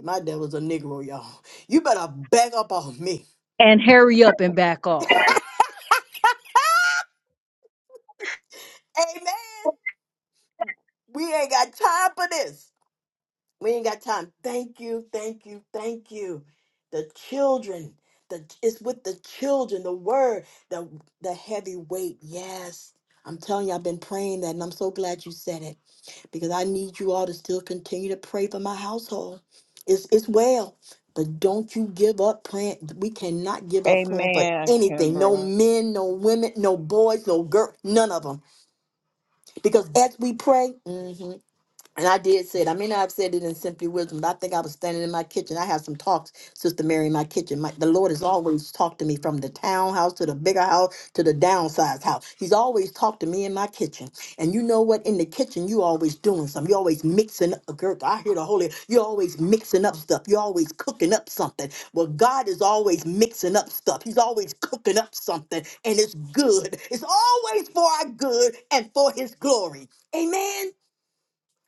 Speaker 1: my devil's a Negro, y'all. You better back up off me.
Speaker 3: And hurry up and back off.
Speaker 1: Amen. We ain't got time for this. We ain't got time. Thank you, thank you, thank you. The children, the it's with the children, the word, the the heavy weight. Yes. I'm telling you, I've been praying that, and I'm so glad you said it because I need you all to still continue to pray for my household. It's it's well, but don't you give up praying. We cannot give up praying for
Speaker 2: Amen,
Speaker 1: anything. No
Speaker 2: Kimbra.
Speaker 1: men, no women, no boys, no girl, none of them. Because as we pray, and I did say it. I may not have said it in simply wisdom, but I think I was standing in my kitchen. I had some talks, Sister Mary, in my kitchen. My, the Lord has always talked to me from the townhouse to the bigger house to the downsized house. He's always talked to me in my kitchen. And you know what? In the kitchen, you always doing something. you always mixing up. Girl, I hear the Holy. you always mixing up stuff. you always cooking up something. Well, God is always mixing up stuff. He's always cooking up something, and it's good. It's always for our good and for His glory. Amen.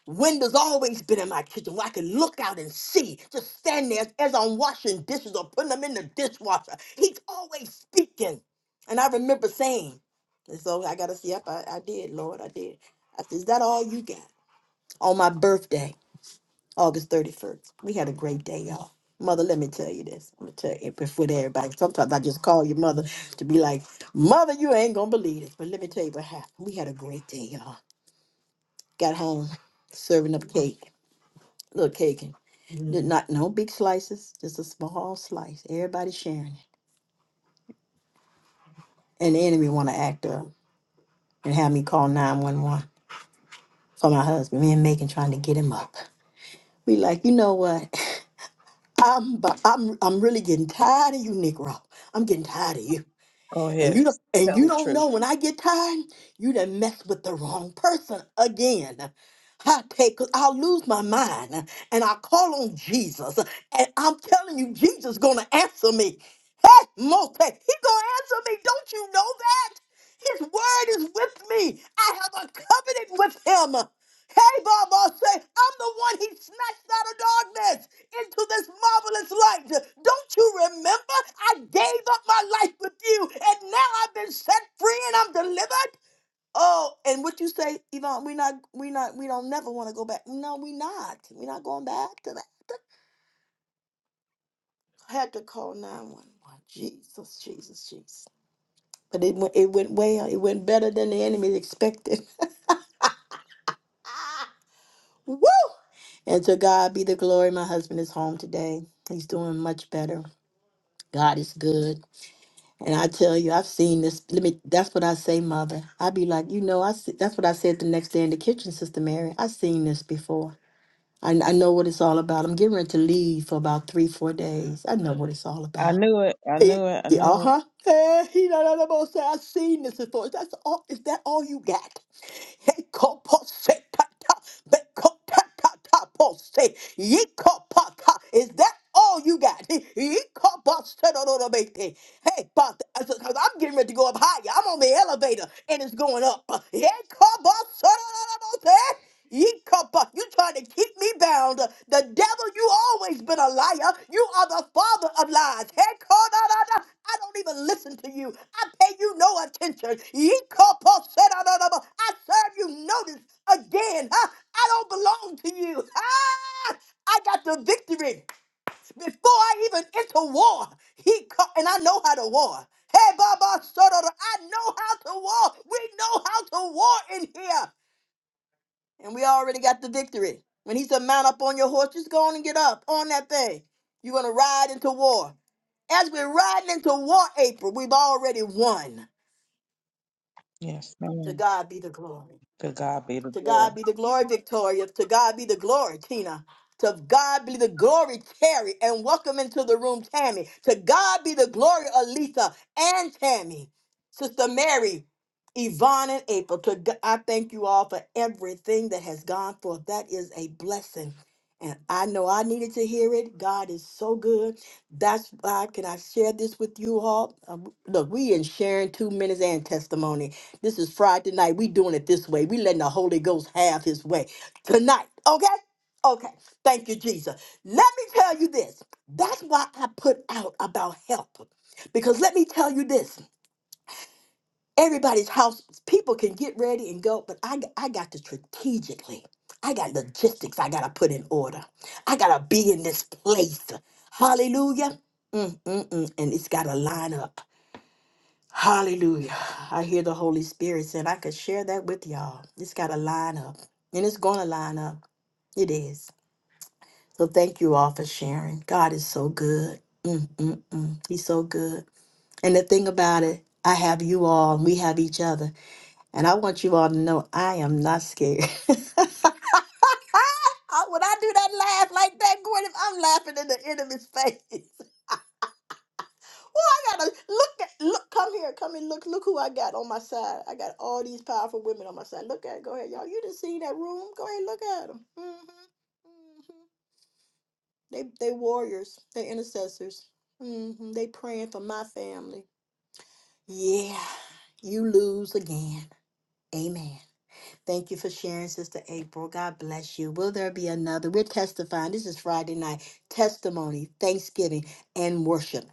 Speaker 1: Windows always been in my kitchen where I can look out and see, just stand there as I'm washing dishes or putting them in the dishwasher. He's always speaking. And I remember saying, and so I got to see, yep, I, I did, Lord, I did. I said, is that all you got? On my birthday, August 31st, we had a great day, y'all. Mother, let me tell you this. I'm going to tell you before to everybody. Sometimes I just call your mother to be like, mother, you ain't going to believe this. But let me tell you what happened. We had a great day, y'all. Got home, serving up cake little cake and n- not no big slices, just a small slice. Everybody sharing it. And the enemy want to act up and have me call 911 for my husband. Me and Megan trying to get him up. We like, you know what? I'm bu- I'm I'm really getting tired of you, Negro. I'm getting tired of you.
Speaker 2: Go
Speaker 1: And
Speaker 2: ahead.
Speaker 1: you don't, and
Speaker 2: Tell
Speaker 1: you
Speaker 2: the
Speaker 1: don't
Speaker 2: truth.
Speaker 1: know when I get tired, you done mess with the wrong person again. I take, I'll lose my mind and I call on Jesus. And I'm telling you, Jesus gonna answer me. Hey, Mote, he gonna answer me. Don't you know that? His word is with me. I have a covenant with him. Hey, Baba, say, I'm the one he snatched out of darkness into this marvelous light. Don't you remember? I gave up my life with you, and now I've been set free and I'm delivered. Oh, and what you say, Yvonne, we not, we not, we don't never want to go back. No, we not. We're not going back to that. I had to call 911. Jesus, Jesus, Jesus. But it went, it went well. It went better than the enemy expected. Woo! And to God be the glory. My husband is home today. He's doing much better. God is good. And I tell you, I've seen this. Let me. That's what I say, Mother. I be like, you know, I. See, that's what I said the next day in the kitchen, Sister Mary. I've seen this before. I, I know what it's all about. I'm getting ready to leave for about three, four days. I know what it's all about.
Speaker 2: I knew it. I knew
Speaker 1: It,
Speaker 2: it. I
Speaker 1: yeah,
Speaker 2: knew it.
Speaker 1: uh-huh. Eh, he da- da- da- bo- I've seen this before. Is that all, is that all you got? Hey, ko- po- se- ta- ta- be- ko- ta- ta- ta- po- se. Ye- ko- pa- ta. Is that all you got? Ye- ye- ko- po- se- do- do- do- be- te. Hey, because I'm getting ready to go up higher. I'm on the elevator and it's going up. Ye- ko- po- se- do- do- do- do- te. Ye cuppa, you trying to keep me bound. The devil, you always been a liar. You are the father of lies. Hey, Kodadada, I don't even listen to you. I pay you no attention. Ye cuppa, sedadadaba, I serve you notice again. Huh? I don't belong to you. Ah, I got the victory before I even enter war. He cu- and I know how to war. Hey, Baba, sodada, I know how to war. We know how to war in here and we already got the victory. When he said, Mount up on your horse, just go on and get up on that thing. You're going to ride into war. As we're riding into war, April, we've already won.
Speaker 2: Yes,
Speaker 1: To
Speaker 2: ma'am.
Speaker 1: God be the glory.
Speaker 2: To God be the
Speaker 1: To
Speaker 2: glory.
Speaker 1: God be the glory, Victoria. To God be the glory, Tina. To God be the glory, Terry. And welcome into the room, Tammy. To God be the glory, Alita and Tammy. Sister Mary, Yvonne, and April. To God, I thank you all for everything that has gone forth. That is a blessing. And I know I needed to hear it. God is so good. That's why can I share this with you all? Um, look, we in sharing two minutes and testimony. This is Friday night. We doing it this way. We letting the Holy Ghost have his way tonight. Okay? Okay. Thank you, Jesus. Let me tell you this. That's why I put out about help. Because let me tell you this. Everybody's house, people can get ready and go, but I, I got to strategically. I got logistics I got to put in order. I got to be in this place. Hallelujah. Mm, mm, mm. And it's got to line up. Hallelujah. I hear the Holy Spirit saying I could share that with y'all. It's got to line up, and it's going to line up. It is. So thank you all for sharing. God is so good. Mm, mm, mm. He's so good. And the thing about it, I have you all, and we have each other. And I want you all to know I am not scared. Ah, when I do that laugh like that, Gordon, I'm laughing in the enemy's face. gotta look at look come here come and look look who i got on my side i got all these powerful women on my side look at go ahead y'all you didn't see that room go ahead look at them hmm hmm they they warriors they intercessors hmm they praying for my family yeah you lose again amen thank you for sharing sister april god bless you will there be another we're testifying this is friday night testimony thanksgiving and worship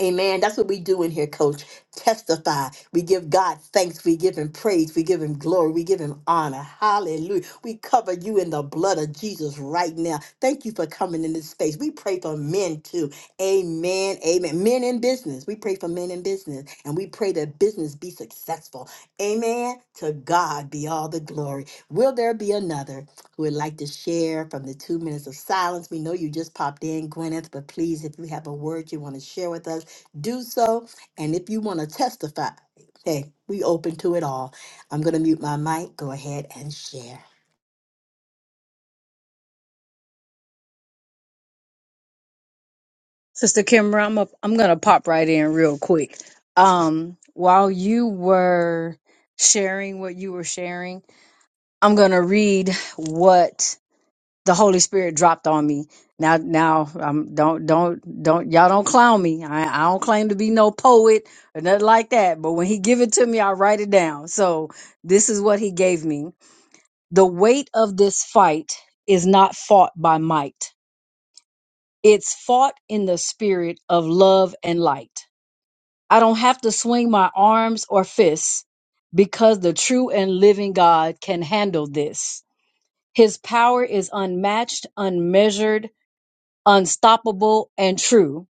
Speaker 1: Amen. That's what we do in here, coach. Testify. We give God thanks. We give him praise. We give him glory. We give him honor. Hallelujah. We cover you in the blood of Jesus right now. Thank you for coming in this space. We pray for men too. Amen. Amen. Men in business. We pray for men in business and we pray that business be successful. Amen. To God be all the glory. Will there be another who would like to share from the two minutes of silence? We know you just popped in, Gwyneth, but please, if you have a word you want to share with us, do so. And if you want to testify, hey, we open to it all. I'm going to mute my mic. Go ahead and share.
Speaker 3: Sister Kimber, I'm, a, I'm going to pop right in real quick. Um, while you were sharing what you were sharing, I'm going to read what the Holy Spirit dropped on me. Now, now, um, don't, don't, don't, y'all don't clown me. I, I don't claim to be no poet or nothing like that. But when he give it to me, I write it down. So this is what he gave me. The weight of this fight is not fought by might. It's fought in the spirit of love and light. I don't have to swing my arms or fists because the true and living God can handle this. His power is unmatched, unmeasured, unstoppable, and true.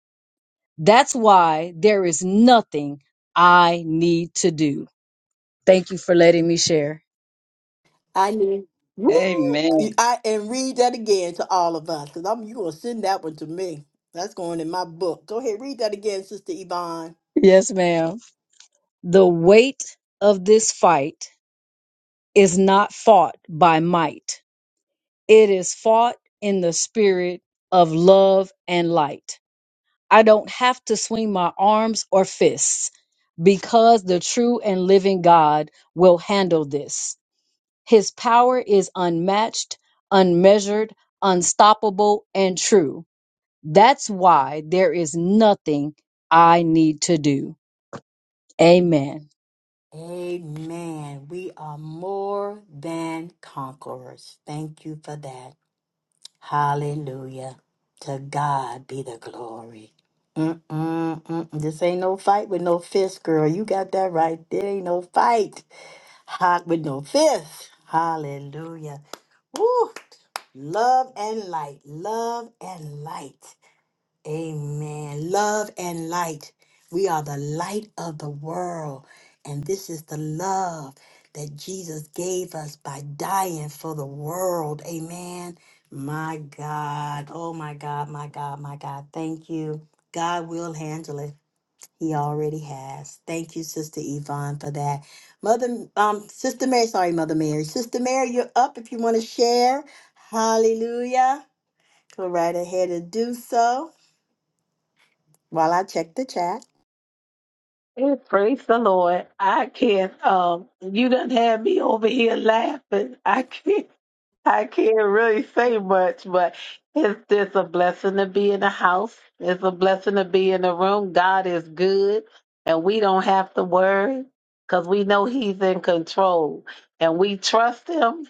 Speaker 3: That's why there is nothing I need to do. Thank you for letting me share.
Speaker 1: I need woo,
Speaker 4: Amen.
Speaker 1: I and read that again to all of us because I'm you gonna send that one to me. That's going in my book. Go ahead, read that again, Sister Yvonne.
Speaker 3: Yes, ma'am. The weight of this fight is not fought by might, it is fought in the spirit of love and light. I don't have to swing my arms or fists because the true and living God will handle this. His power is unmatched, unmeasured, unstoppable, and true. That's why there is nothing I need to do. Amen.
Speaker 1: Amen. We are more than conquerors. Thank you for that. Hallelujah. To God be the glory. Mm-mm-mm. This ain't no fight with no fist, girl. You got that right. There ain't no fight hot with no fist. Hallelujah. Woo! Love and light. Love and light. Amen. Love and light. We are the light of the world. And this is the love that Jesus gave us by dying for the world. Amen. My God. Oh, my God. My God. My God. Thank you. God will handle it. He already has. Thank you, Sister Yvonne, for that. Mother, um, Sister Mary, sorry, Mother Mary. Sister Mary, you're up if you want to share. Hallelujah. Go right ahead and do so. While I check the chat,
Speaker 5: Hey, Praise the Lord. I can't um you done had me over here laughing. I can't I can't really say much, but it's just a blessing to be in the house. It's a blessing to be in the room. God is good and we don't have to worry because we know he's in control and we trust him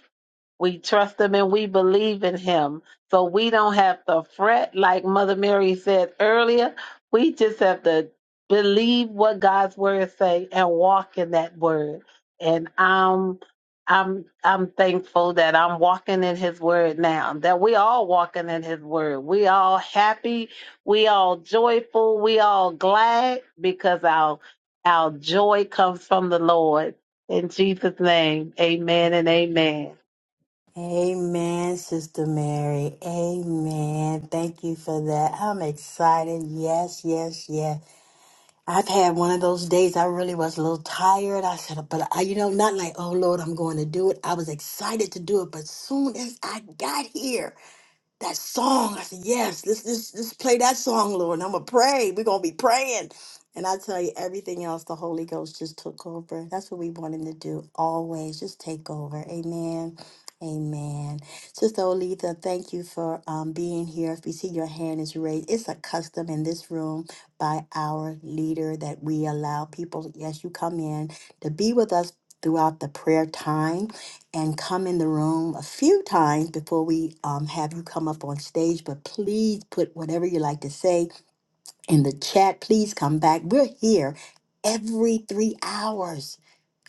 Speaker 5: we trust him and we believe in him. So we don't have to fret, like Mother Mary said earlier. We just have to believe what God's word say and walk in that word. And I'm I'm I'm thankful that I'm walking in his word now. That we all walking in his word. We all happy, we all joyful, we all glad because our our joy comes from the Lord. In Jesus' name, amen and amen.
Speaker 1: Amen, Sister Mary. Amen. Thank you for that. I'm excited. Yes, yes, yes. I've had one of those days I really was a little tired. I said, but I, you know, not like, oh Lord, I'm going to do it. I was excited to do it, but soon as I got here, that song. I said, yes, let's, let's, let's play that song, Lord. And I'm going to pray. We're going to be praying. And I tell you, everything else, the Holy Ghost just took over. That's what we want him to do always. Just take over. Amen. Amen. Sister Olitha, thank you for um, being here. If you see your hand is raised, it's a custom in this room by our leader that we allow people, yes, you come in to be with us throughout the prayer time and come in the room a few times before we um, have you come up on stage. But please put whatever you like to say in the chat. Please come back. We're here every three hours.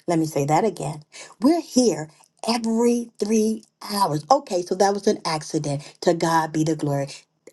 Speaker 1: Let me say that again. We're here every three hours. Okay, so that was an accident. To God be the glory.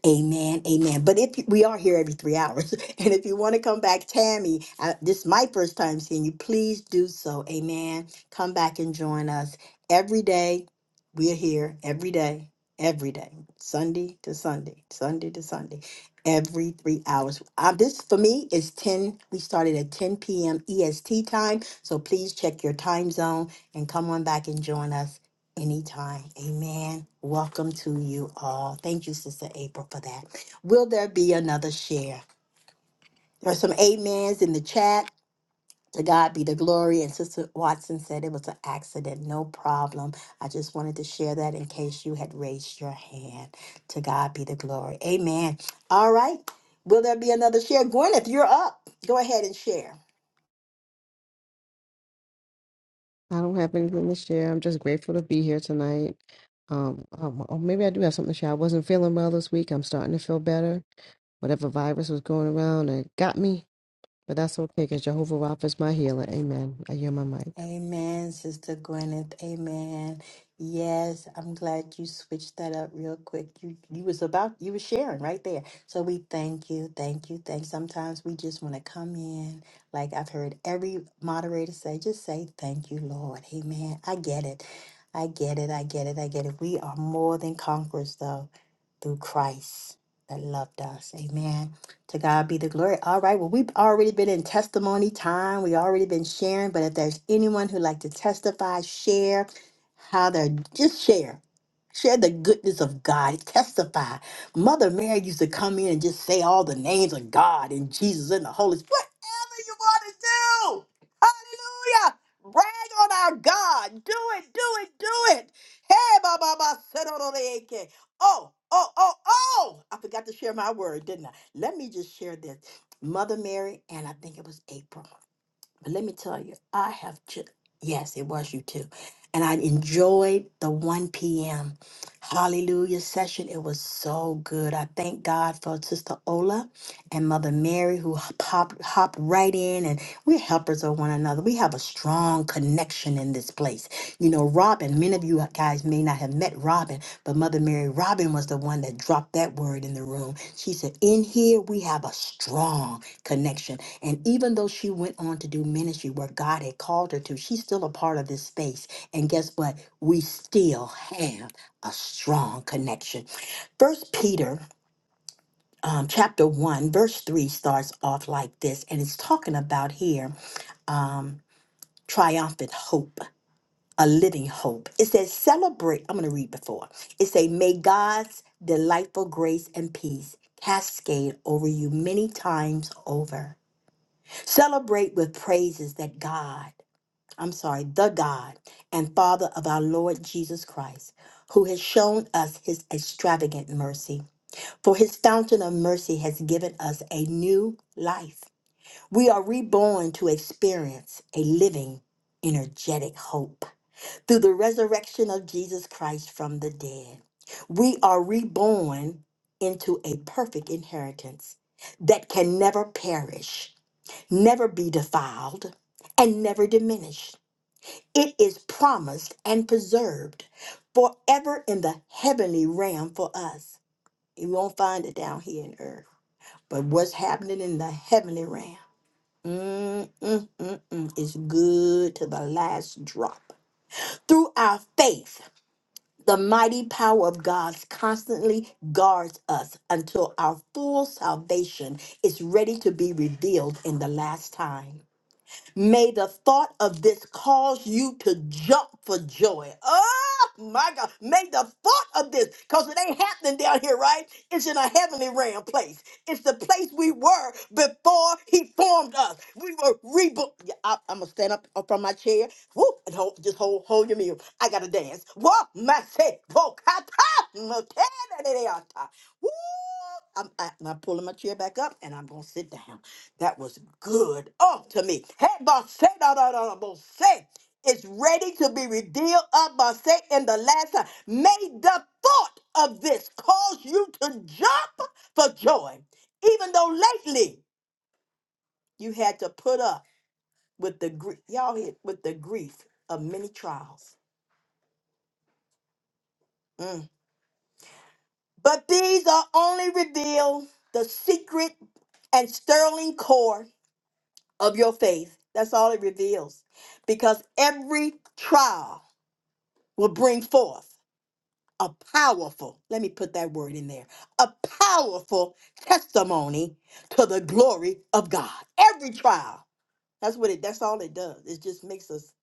Speaker 1: Amen, amen. But if you, we are here every three hours, and if you want to come back, Tammy, uh, this is my first time seeing you. Please do so. Amen. Come back and join us every day. We're here every day, every day, Sunday to Sunday, Sunday to Sunday, every three hours. Um, this for me is ten. We started at ten p.m. EST time. So please check your time zone and come on back and join us anytime. Amen. Welcome to you all. Thank you, Sister April, for that. Will there be another share? There are some amens in the chat. To God be the glory. And Sister Watson said it was an accident. No problem. I just wanted to share that in case you had raised your hand. To God be the glory. Amen. All right. Will there be another share? Gwyneth, you're up. Go ahead and share.
Speaker 6: I don't have anything to share. I'm just grateful to be here tonight. Um, um, or maybe I do have something to share. I wasn't feeling well this week. I'm starting to feel better. Whatever virus was going around, it got me, but that's okay because Jehovah Rapha is my healer. Amen. I hear my mic.
Speaker 1: Amen, Sister Gwyneth. Amen. Yes, I'm glad you switched that up real quick. You you was about you were sharing right there. So we thank you, thank you, thanks. Sometimes we just want to come in, like I've heard every moderator say, just say thank you, Lord. Amen. I get it. I get it. I get it. I get it. We are more than conquerors though through Christ that loved us. Amen. To God be the glory. All right. Well, we've already been in testimony time. We've already been sharing. But if there's anyone who'd like to testify, share how they're just share. Share the goodness of God. Testify. Mother Mary used to come in and just say all the names of God and Jesus and the Holy Spirit. Whatever you want to do. Hallelujah. Brag on our God. Do it, do it, do it. Hey, Baba, Oh, oh, oh, oh! I forgot to share my word, didn't I? Let me just share this. Mother Mary, and I think it was April. But let me tell you, I have just, yes, it was you too. And I enjoyed the 1 p.m. Hallelujah session. It was so good. I thank God for Sister Ola and Mother Mary who popped, hopped right in and we're helpers of one another. We have a strong connection in this place. You know, Robin, many of you guys may not have met Robin, but Mother Mary, Robin was the one that dropped that word in the room. She said, In here, we have a strong connection and even though she went on to do ministry where God had called her to, she's still a part of this space. And guess what? We still have a strong connection. First Peter um, chapter one, verse three starts off like this, and it's talking about here um, triumphant hope, a living hope. It says, celebrate. I'm going to read before. It says, may God's delightful grace and peace cascade over you many times over. Celebrate with praises that God I'm sorry, the God and Father of our Lord Jesus Christ, who has shown us his extravagant mercy. For his fountain of mercy has given us a new life. We are reborn to experience a living, energetic hope through the resurrection of Jesus Christ from the dead. We are reborn into a perfect inheritance that can never perish, never be defiled, and never diminish. It is promised and preserved forever in the heavenly realm for us. You won't find it down here in earth. But what's happening in the heavenly realm mm, mm, mm, mm, is good to the last drop. Through our faith, the mighty power of God constantly guards us until our full salvation is ready to be revealed in the last time. May the thought of this cause you to jump for joy. Oh my God. May the thought of this, because it ain't happening down here, right? It's in a heavenly realm place. It's the place we were before he formed us. We were reborn. Yeah, I, am going to stand up from my chair. Whoop, and hold, just hold, hold your meal. I got to dance. What? My say, whoa, kata, motene, Woo! I'm, I- and I'm pulling my chair back up and I'm going to sit down. That was good. Oh, to me. Hey, boss, say, da, da, da, da, boss, say. It's ready to be revealed up by say in the last time. May the thought of this cause you to jump for joy, even though lately you had to put up with the grief. Y'all hit with the grief of many trials. Mm. But these are only revealed the secret and sterling core of your faith. That's all it reveals. Because every trial will bring forth a powerful, let me put that word in there, a powerful testimony to the glory of God. Every trial. That's what it that's all it does. It just makes us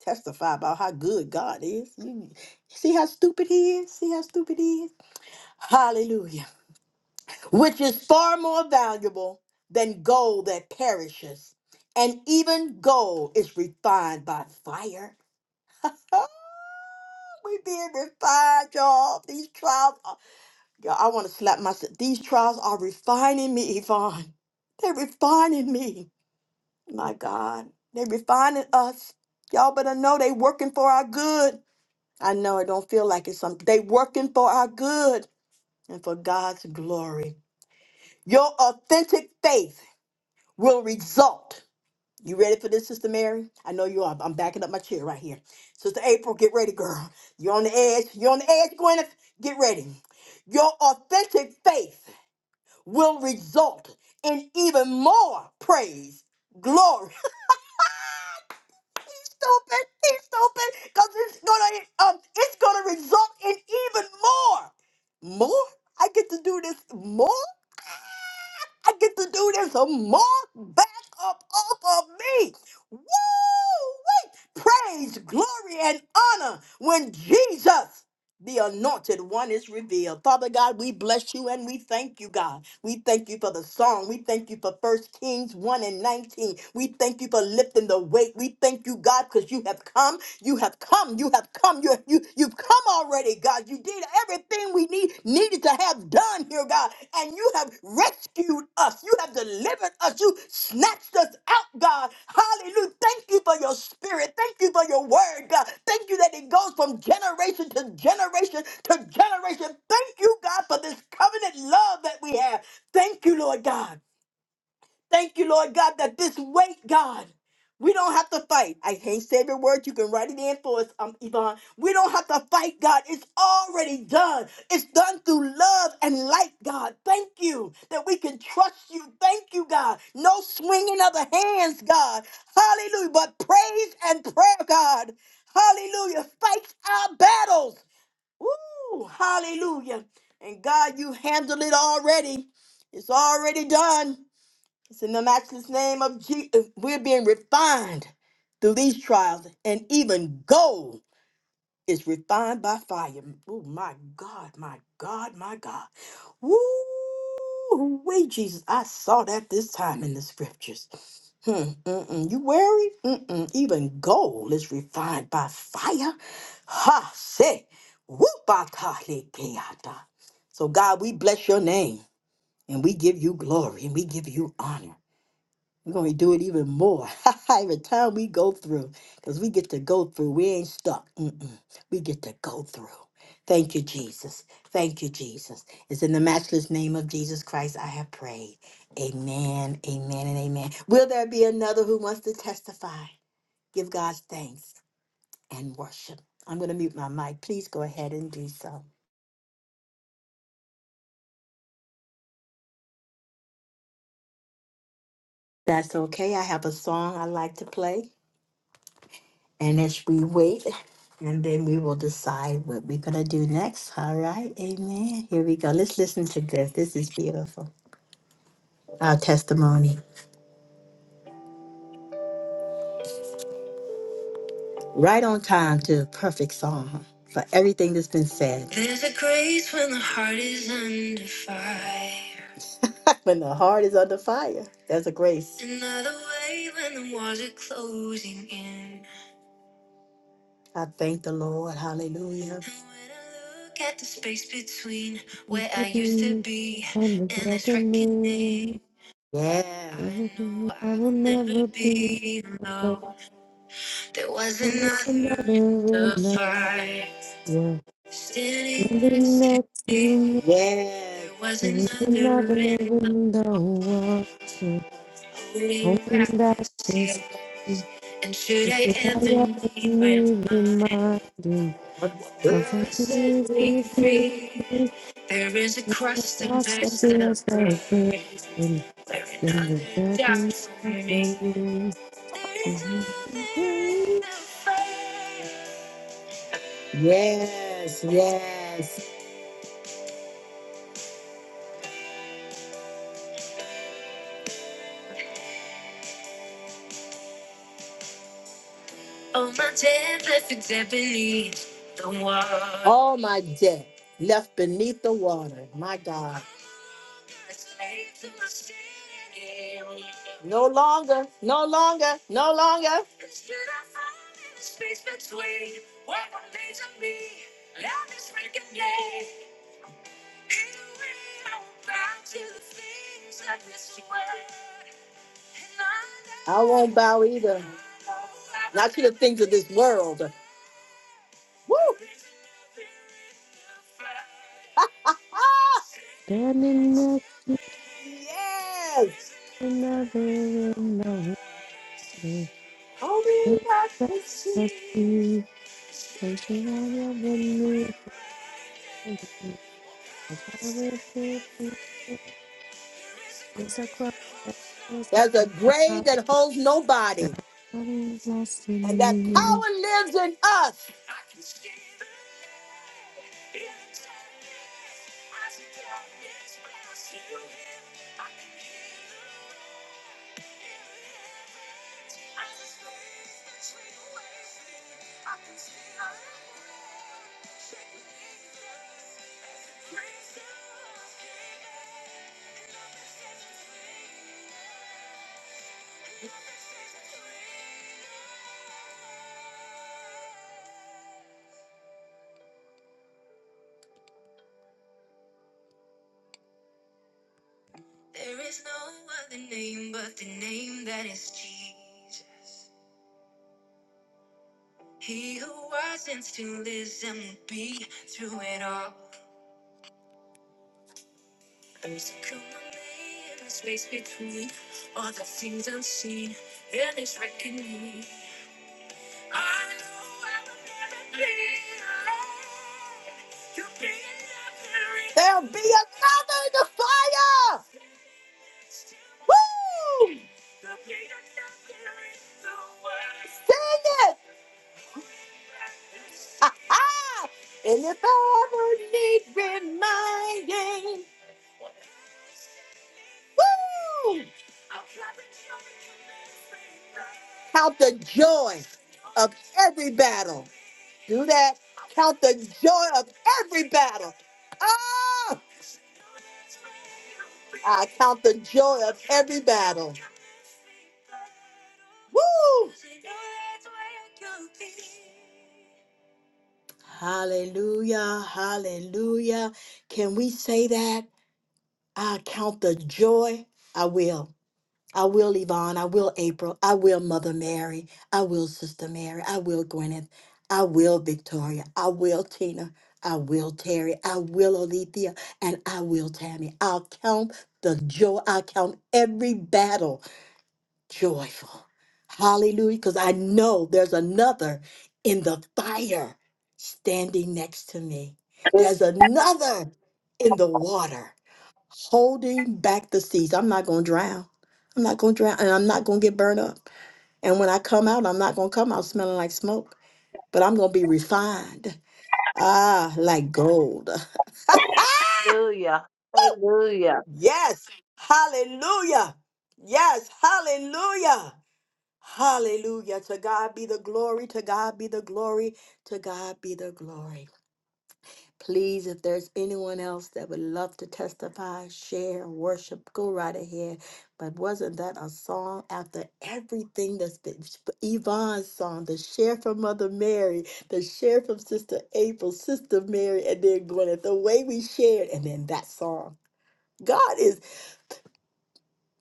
Speaker 1: testify about how good God is. You see how stupid he is? See how stupid he is? Hallelujah. which is far more valuable than gold that perishes. And even gold is refined by fire. Oh, we being refined, y'all. These trials, are, y'all, I want to slap myself. These trials are refining me, Yvonne. They're refining me. My God, they're refining us. Y'all better know they working for our good. I know it don't feel like it's something. they working for our good and for God's glory. Your authentic faith will result. You ready for this, Sister Mary? I know you are. I'm backing up my chair right here. Sister April, get ready, girl. You're on the edge. You're on the edge, Gwyneth. Get ready. Your authentic faith will result in even more praise, glory. stupid, he's stupid, because it's gonna um, it's gonna result in even more. More? I get to do this more? I get to do this a month back up off of me. Woo! Wait. Praise, glory, and honor when Jesus, the anointed one, is revealed. Father God, we bless you and we thank you, God. We thank you for the song. We thank you for First Kings 1 and 19. We thank you for lifting the weight. We thank you, God, because you have come. You have come. You have come. You, you, you've come already, God. You did everything we need needed to have done done here, God, and you have rescued us. You have delivered us. You snatched us out, God. Hallelujah. Thank you for your spirit. Thank you for your word, God. Thank you that it goes from generation to generation to generation. Thank you, God, for this covenant love that we have. Thank you, Lord God. Thank you, Lord God, that this weight, God, we don't have to fight. I hate saying the word. You can write it in for us, um, Yvonne. We don't have to fight, God. It's already done. It's done through love and light, God. Thank you that we can trust you. Thank you, God. No swinging of the hands, God. Hallelujah. But praise and prayer, God. Hallelujah. Fights our battles. Woo. Hallelujah. And God, you handled it already. It's already done. It's in the matchless name of Jesus. We're being refined through these trials, and even gold is refined by fire. Oh, my God, my God, my God. Woo! Wait, Jesus, I saw that this time in the scriptures. Hmm, mm-mm. You worried? Mm-mm. Even gold is refined by fire. Ha, say, whoop-a-ta-le-ke-ata. So, God, we bless your name and we give you glory and we give you honor. We're going to do it even more every time we go through because we get to go through. We ain't stuck. Mm-mm. We get to go through. Thank you, Jesus. Thank you, Jesus. It's in the matchless name of Jesus Christ I have prayed. Amen, amen, and amen. Will there be another who wants to testify? Give God thanks and worship. I'm going to mute my mic. Please go ahead and do so. That's okay. I have a song I like to play. And as we wait, and then we will decide what we're going to do next. All right. Amen. Here we go. Let's listen to this. This is beautiful. Our testimony. Right on time to a perfect song for everything that's been said. There's a grace when the heart is under fire. when the heart is under fire, there's a grace. Another way when the walls are closing in. I thank the Lord. Hallelujah. And when I look at the space between
Speaker 6: And
Speaker 1: where I used to be
Speaker 6: the
Speaker 1: and this
Speaker 6: reckoning,
Speaker 1: reckoning. Yeah. I
Speaker 6: everything
Speaker 1: know
Speaker 6: I
Speaker 1: I
Speaker 6: will
Speaker 1: will never
Speaker 6: never be
Speaker 1: be
Speaker 6: alone.
Speaker 1: alone. There was
Speaker 6: There is
Speaker 1: another
Speaker 6: another
Speaker 1: in the
Speaker 6: in the
Speaker 1: fire
Speaker 6: yeah,
Speaker 1: standing
Speaker 6: standing
Speaker 1: next to
Speaker 6: next to
Speaker 1: me.
Speaker 6: me.
Speaker 1: Yeah. There was
Speaker 6: There is another
Speaker 1: another in the
Speaker 6: window.
Speaker 1: holding
Speaker 6: holding
Speaker 1: back
Speaker 6: back
Speaker 1: the
Speaker 6: this.
Speaker 1: seas.
Speaker 6: feeling.
Speaker 1: And should
Speaker 6: If
Speaker 1: I
Speaker 6: you
Speaker 1: ever
Speaker 6: hurry up with
Speaker 1: need reminding?
Speaker 6: me, reminding
Speaker 1: Love
Speaker 6: of what it
Speaker 1: set
Speaker 6: is
Speaker 1: me
Speaker 6: to be
Speaker 1: free.
Speaker 6: free.
Speaker 1: There is a
Speaker 6: What
Speaker 1: crust and
Speaker 6: God says
Speaker 1: that's the
Speaker 6: is
Speaker 1: bread.
Speaker 6: okay. And
Speaker 1: Where
Speaker 6: the
Speaker 1: another died
Speaker 6: building
Speaker 1: for
Speaker 6: of
Speaker 1: me.
Speaker 6: building.
Speaker 1: There is a- there is a fire. Yes, yes. All my debt left except beneath the water. All my debt left beneath the water. My God. No longer, no longer, no longer. Instead I find a space between what remains of me and this breaking day. Here we are, bound to the things of this world. And I I won't bow either. Not to the things of this world. Woo!
Speaker 6: Standing next to
Speaker 1: yes!
Speaker 6: another in the way.
Speaker 1: Only God can see.
Speaker 6: Must be taking out your beneath. Cause I will be. There's a cross that feels
Speaker 1: There's
Speaker 6: like
Speaker 1: a
Speaker 6: a
Speaker 1: grave
Speaker 6: fire.
Speaker 1: that holds nobody,
Speaker 6: What is lost
Speaker 1: and
Speaker 6: in
Speaker 1: that
Speaker 6: me?
Speaker 1: power lives in us. There is no other name but the name that is Jesus. He who was and still is and will be through it all. There's a common name, a space between all the things unseen and is reckoning. There'll be another in the fire. Woo! Sing it. Ha-ha! And if I ever need reminding, woo! Count the joy of every battle. Do that. Count the joy of every battle. Ah! I count the joy of every battle. Woo! Hallelujah, hallelujah. Can we say that? I count the joy. I will. I will, Yvonne. I will, April. I will, Mother Mary. I will, Sister Mary. I will, Gwyneth. I will, Victoria. I will, Tina. I will, Terry. I will, Alethea. And I will, Tammy. I'll count the joy. I'll count every battle joyful. Hallelujah. Because I know there's another in the fire standing next to me. There's another in the water holding back the seas. I'm not going to drown. I'm not going to drown and I'm not going to get burned up. And when I come out, I'm not going to come out smelling like smoke, but I'm going to be refined. Ah, like gold.
Speaker 5: Hallelujah. Hallelujah.
Speaker 1: Yes. Hallelujah. Yes. Hallelujah. Hallelujah. To God be the glory. To God be the glory. To God be the glory. Please, if there's anyone else that would love to testify, share, worship, go right ahead. But wasn't that a song after everything that's been Yvonne's song, the share from Mother Mary, the share from Sister April, Sister Mary, and then Gwyneth, the way we shared, and then that song. God is,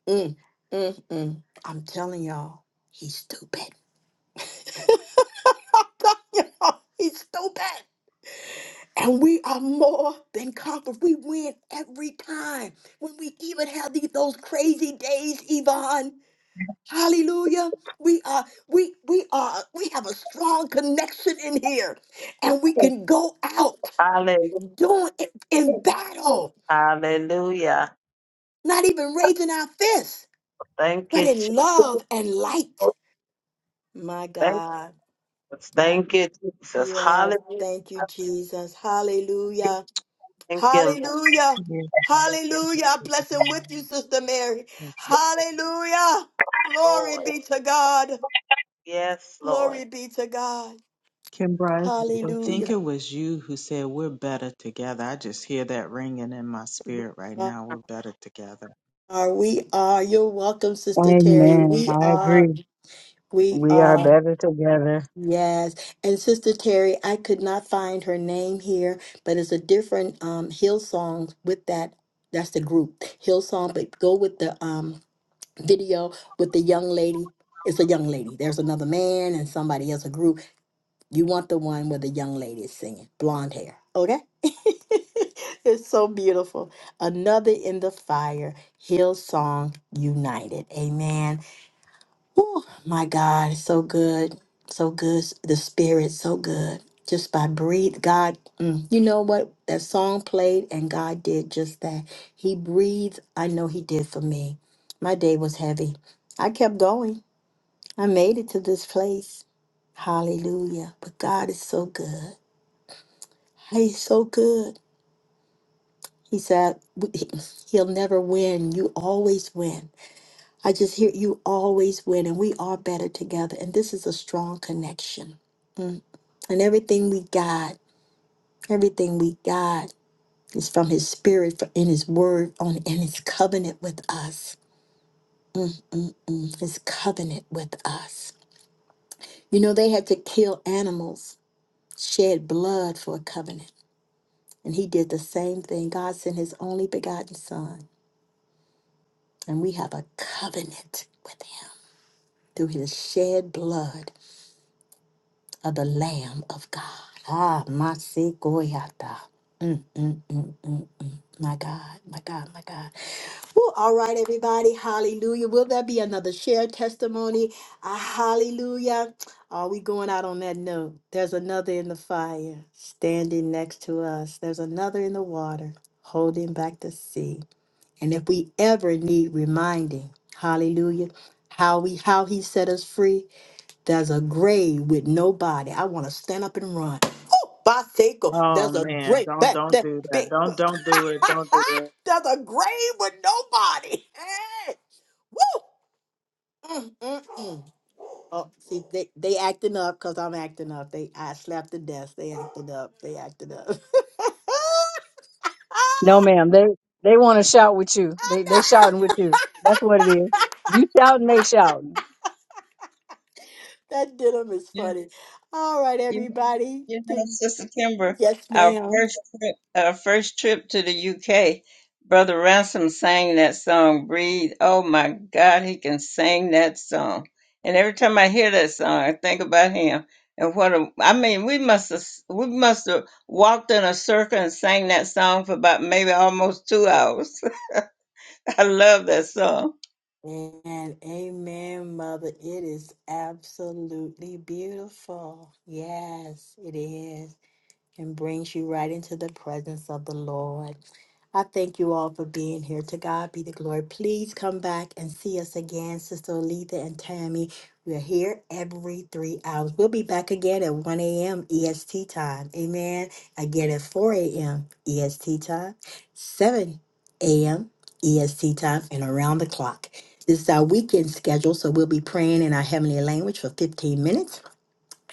Speaker 1: mm, mm, mm. I'm telling y'all, he's stupid. He's still back. And we are more than conquerors. We win every time. When we even have these, those crazy days, Yvonne. Hallelujah. We are, we, we are, we have a strong connection in here. And we can go out
Speaker 5: Hallelujah.
Speaker 1: doing it in battle,
Speaker 5: Hallelujah.
Speaker 1: not even raising our fists,
Speaker 5: Thank
Speaker 1: but
Speaker 5: you,
Speaker 1: in
Speaker 5: Jesus.
Speaker 1: love and light. My
Speaker 5: Thank
Speaker 1: God.
Speaker 5: you.
Speaker 1: Uh,
Speaker 5: Thank you, Jesus.
Speaker 1: Yes,
Speaker 5: Hallelujah.
Speaker 1: thank you, Jesus. Hallelujah.
Speaker 5: Thank you, Lord.
Speaker 1: Hallelujah.
Speaker 2: Yes,
Speaker 5: Yes,
Speaker 1: Hallelujah. I bless him
Speaker 2: ma'am.
Speaker 1: with you, Sister Mary. Hallelujah. Glory
Speaker 5: Lord.
Speaker 1: be to God.
Speaker 5: Yes,
Speaker 1: Glory
Speaker 5: Lord.
Speaker 1: be to God.
Speaker 2: Kimbra, I think
Speaker 1: Hallelujah.
Speaker 2: it was you who said we're better together. I just hear that ringing in my spirit right now. We're better together.
Speaker 1: Are we are you're welcome, Sister Terry.
Speaker 3: Amen.
Speaker 1: We
Speaker 3: I
Speaker 1: are,
Speaker 3: agree.
Speaker 1: we
Speaker 3: We are
Speaker 1: are,
Speaker 3: better together.
Speaker 1: yes. And Sister Terry, I could not find her name here, but it's a different um Hill with that. That's the group Hillsong, but go with the um video with the young lady. It's a young lady. There's another man and somebody else, a group. You want the one where the young lady is singing, blonde hair. Okay? it's so beautiful. Another in the fire, Hillsong United. Amen. Oh my God, so good, so good. The Spirit, so good. Just by breathe, God. mm, you know what? That song played, and God did just that. He breathed. I know He did for me. My day was heavy. I kept going. I made it to this place. Hallelujah. But God is so good. He's so good. He said, w- he- He'll never win. You always win. I just hear you always win, and we are better together. And this is a strong connection. Mm. And everything we got, everything we got is from His Spirit, for- in His Word, on in His covenant with us. His covenant with us. You know, they had to kill animals, shed blood for a covenant. And He did the same thing. God sent His only begotten Son, and we have a covenant with Him through His shed blood. of the Lamb of God. Ah, Masikoyata. Mm, mm, mm. My God, my God, my God. Woo, all right, everybody. Hallelujah. Will there be another shared testimony? Ah, hallelujah. Are we going out on that note? There's another in the fire standing next to us, there's another in the water holding back the sea. And if we ever need reminding, hallelujah, how we how he set us free, there's a grave with nobody. I want to stand up and run. Oh, Baseco.
Speaker 2: Oh
Speaker 1: There's a
Speaker 2: man,
Speaker 1: grave.
Speaker 2: don't
Speaker 1: That,
Speaker 2: don't
Speaker 1: that
Speaker 2: do that.
Speaker 1: big.
Speaker 2: Don't don't do it. Don't do it.
Speaker 1: There's a grave with nobody. Hey. Woo! Mm, mm, mm. Oh, see, they, they acting up because I'm acting up. They I slapped the desk. They acted up. They acted up.
Speaker 3: No, ma'am. They they want to shout with you. They they shouting with you. That's what it is. You shouting, they shouting.
Speaker 1: that did 'em is
Speaker 4: You-
Speaker 1: funny. All right,
Speaker 4: you
Speaker 1: everybody.
Speaker 4: You know, Sister Kimber,
Speaker 1: Yes,
Speaker 4: our
Speaker 1: ma'am.
Speaker 4: first trip, our first trip to the UK, Brother Ransom sang that song, Breathe. Oh my God, he can sing that song. And every time I hear that song, I think about him. And what a, I mean, we must have, we must have walked in a circle and sang that song for about maybe almost two hours. I love that song.
Speaker 1: And amen, mother. It is absolutely beautiful. Yes, it is. and brings you right into the presence of the Lord. I thank you all for being here. To God be the glory. Please come back and see us again, Sister Aletha and Tammy. We're here every three hours. We'll be back again at 1 a.m. EST time. Amen. Again at 4 a.m. EST time, 7 a.m. EST time, and around the clock. This is our weekend schedule, so we'll be praying in our heavenly language for 15 minutes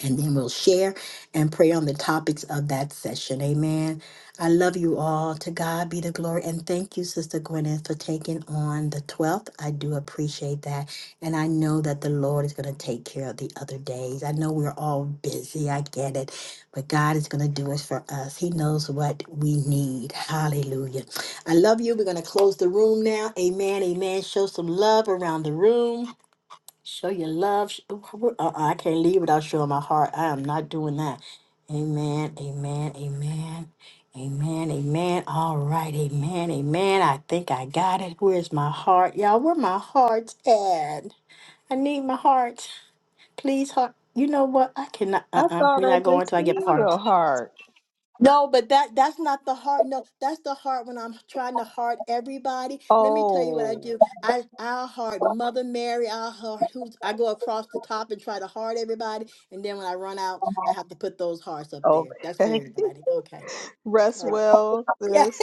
Speaker 1: and then we'll share and pray on the topics of that session. Amen. I love you all. To God be the glory. And thank you, Sister Gwyneth, for taking on the 12th. I do appreciate that. And I know that the Lord is going to take care of the other days. I know we're all busy. I get it. But God is going to do it for us. He knows what we need. Hallelujah. I love you. We're going to close the room now. Amen. Amen. Show some love around the room. Show your love. Sh- Uh-uh, I can't leave without showing my heart. I am not doing that. Amen. Amen. Amen. Amen. Amen. All right. Amen. Amen. I think I got it. Where's my heart? Y'all, where my heart's at? I need my heart. Please, heart. You know what? I cannot.
Speaker 2: I
Speaker 1: Uh uh-uh. uh.
Speaker 2: thought
Speaker 1: we are
Speaker 2: I
Speaker 1: not going
Speaker 2: just
Speaker 1: till I get my
Speaker 2: seen
Speaker 1: heart.
Speaker 2: your heart.
Speaker 1: No, but that that's not the hard. No, that's the hard when I'm trying to heart everybody. Let me tell you what I
Speaker 2: Oh,
Speaker 1: do. I I heart Mother Mary. I heart whos I go across the top and try to heart everybody, and then when I run out, I have to put those hearts up there. That's for
Speaker 2: okay.
Speaker 1: everybody. Okay.
Speaker 2: Rest
Speaker 1: Uh,
Speaker 2: well,
Speaker 1: yeah.
Speaker 2: sis.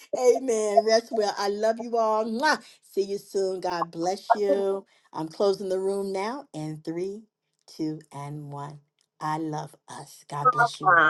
Speaker 1: Amen. Rest well. I love you all. Mwah. See you soon. God bless you. I'm closing the room now. And three, two, and one. I love us. God bless you all.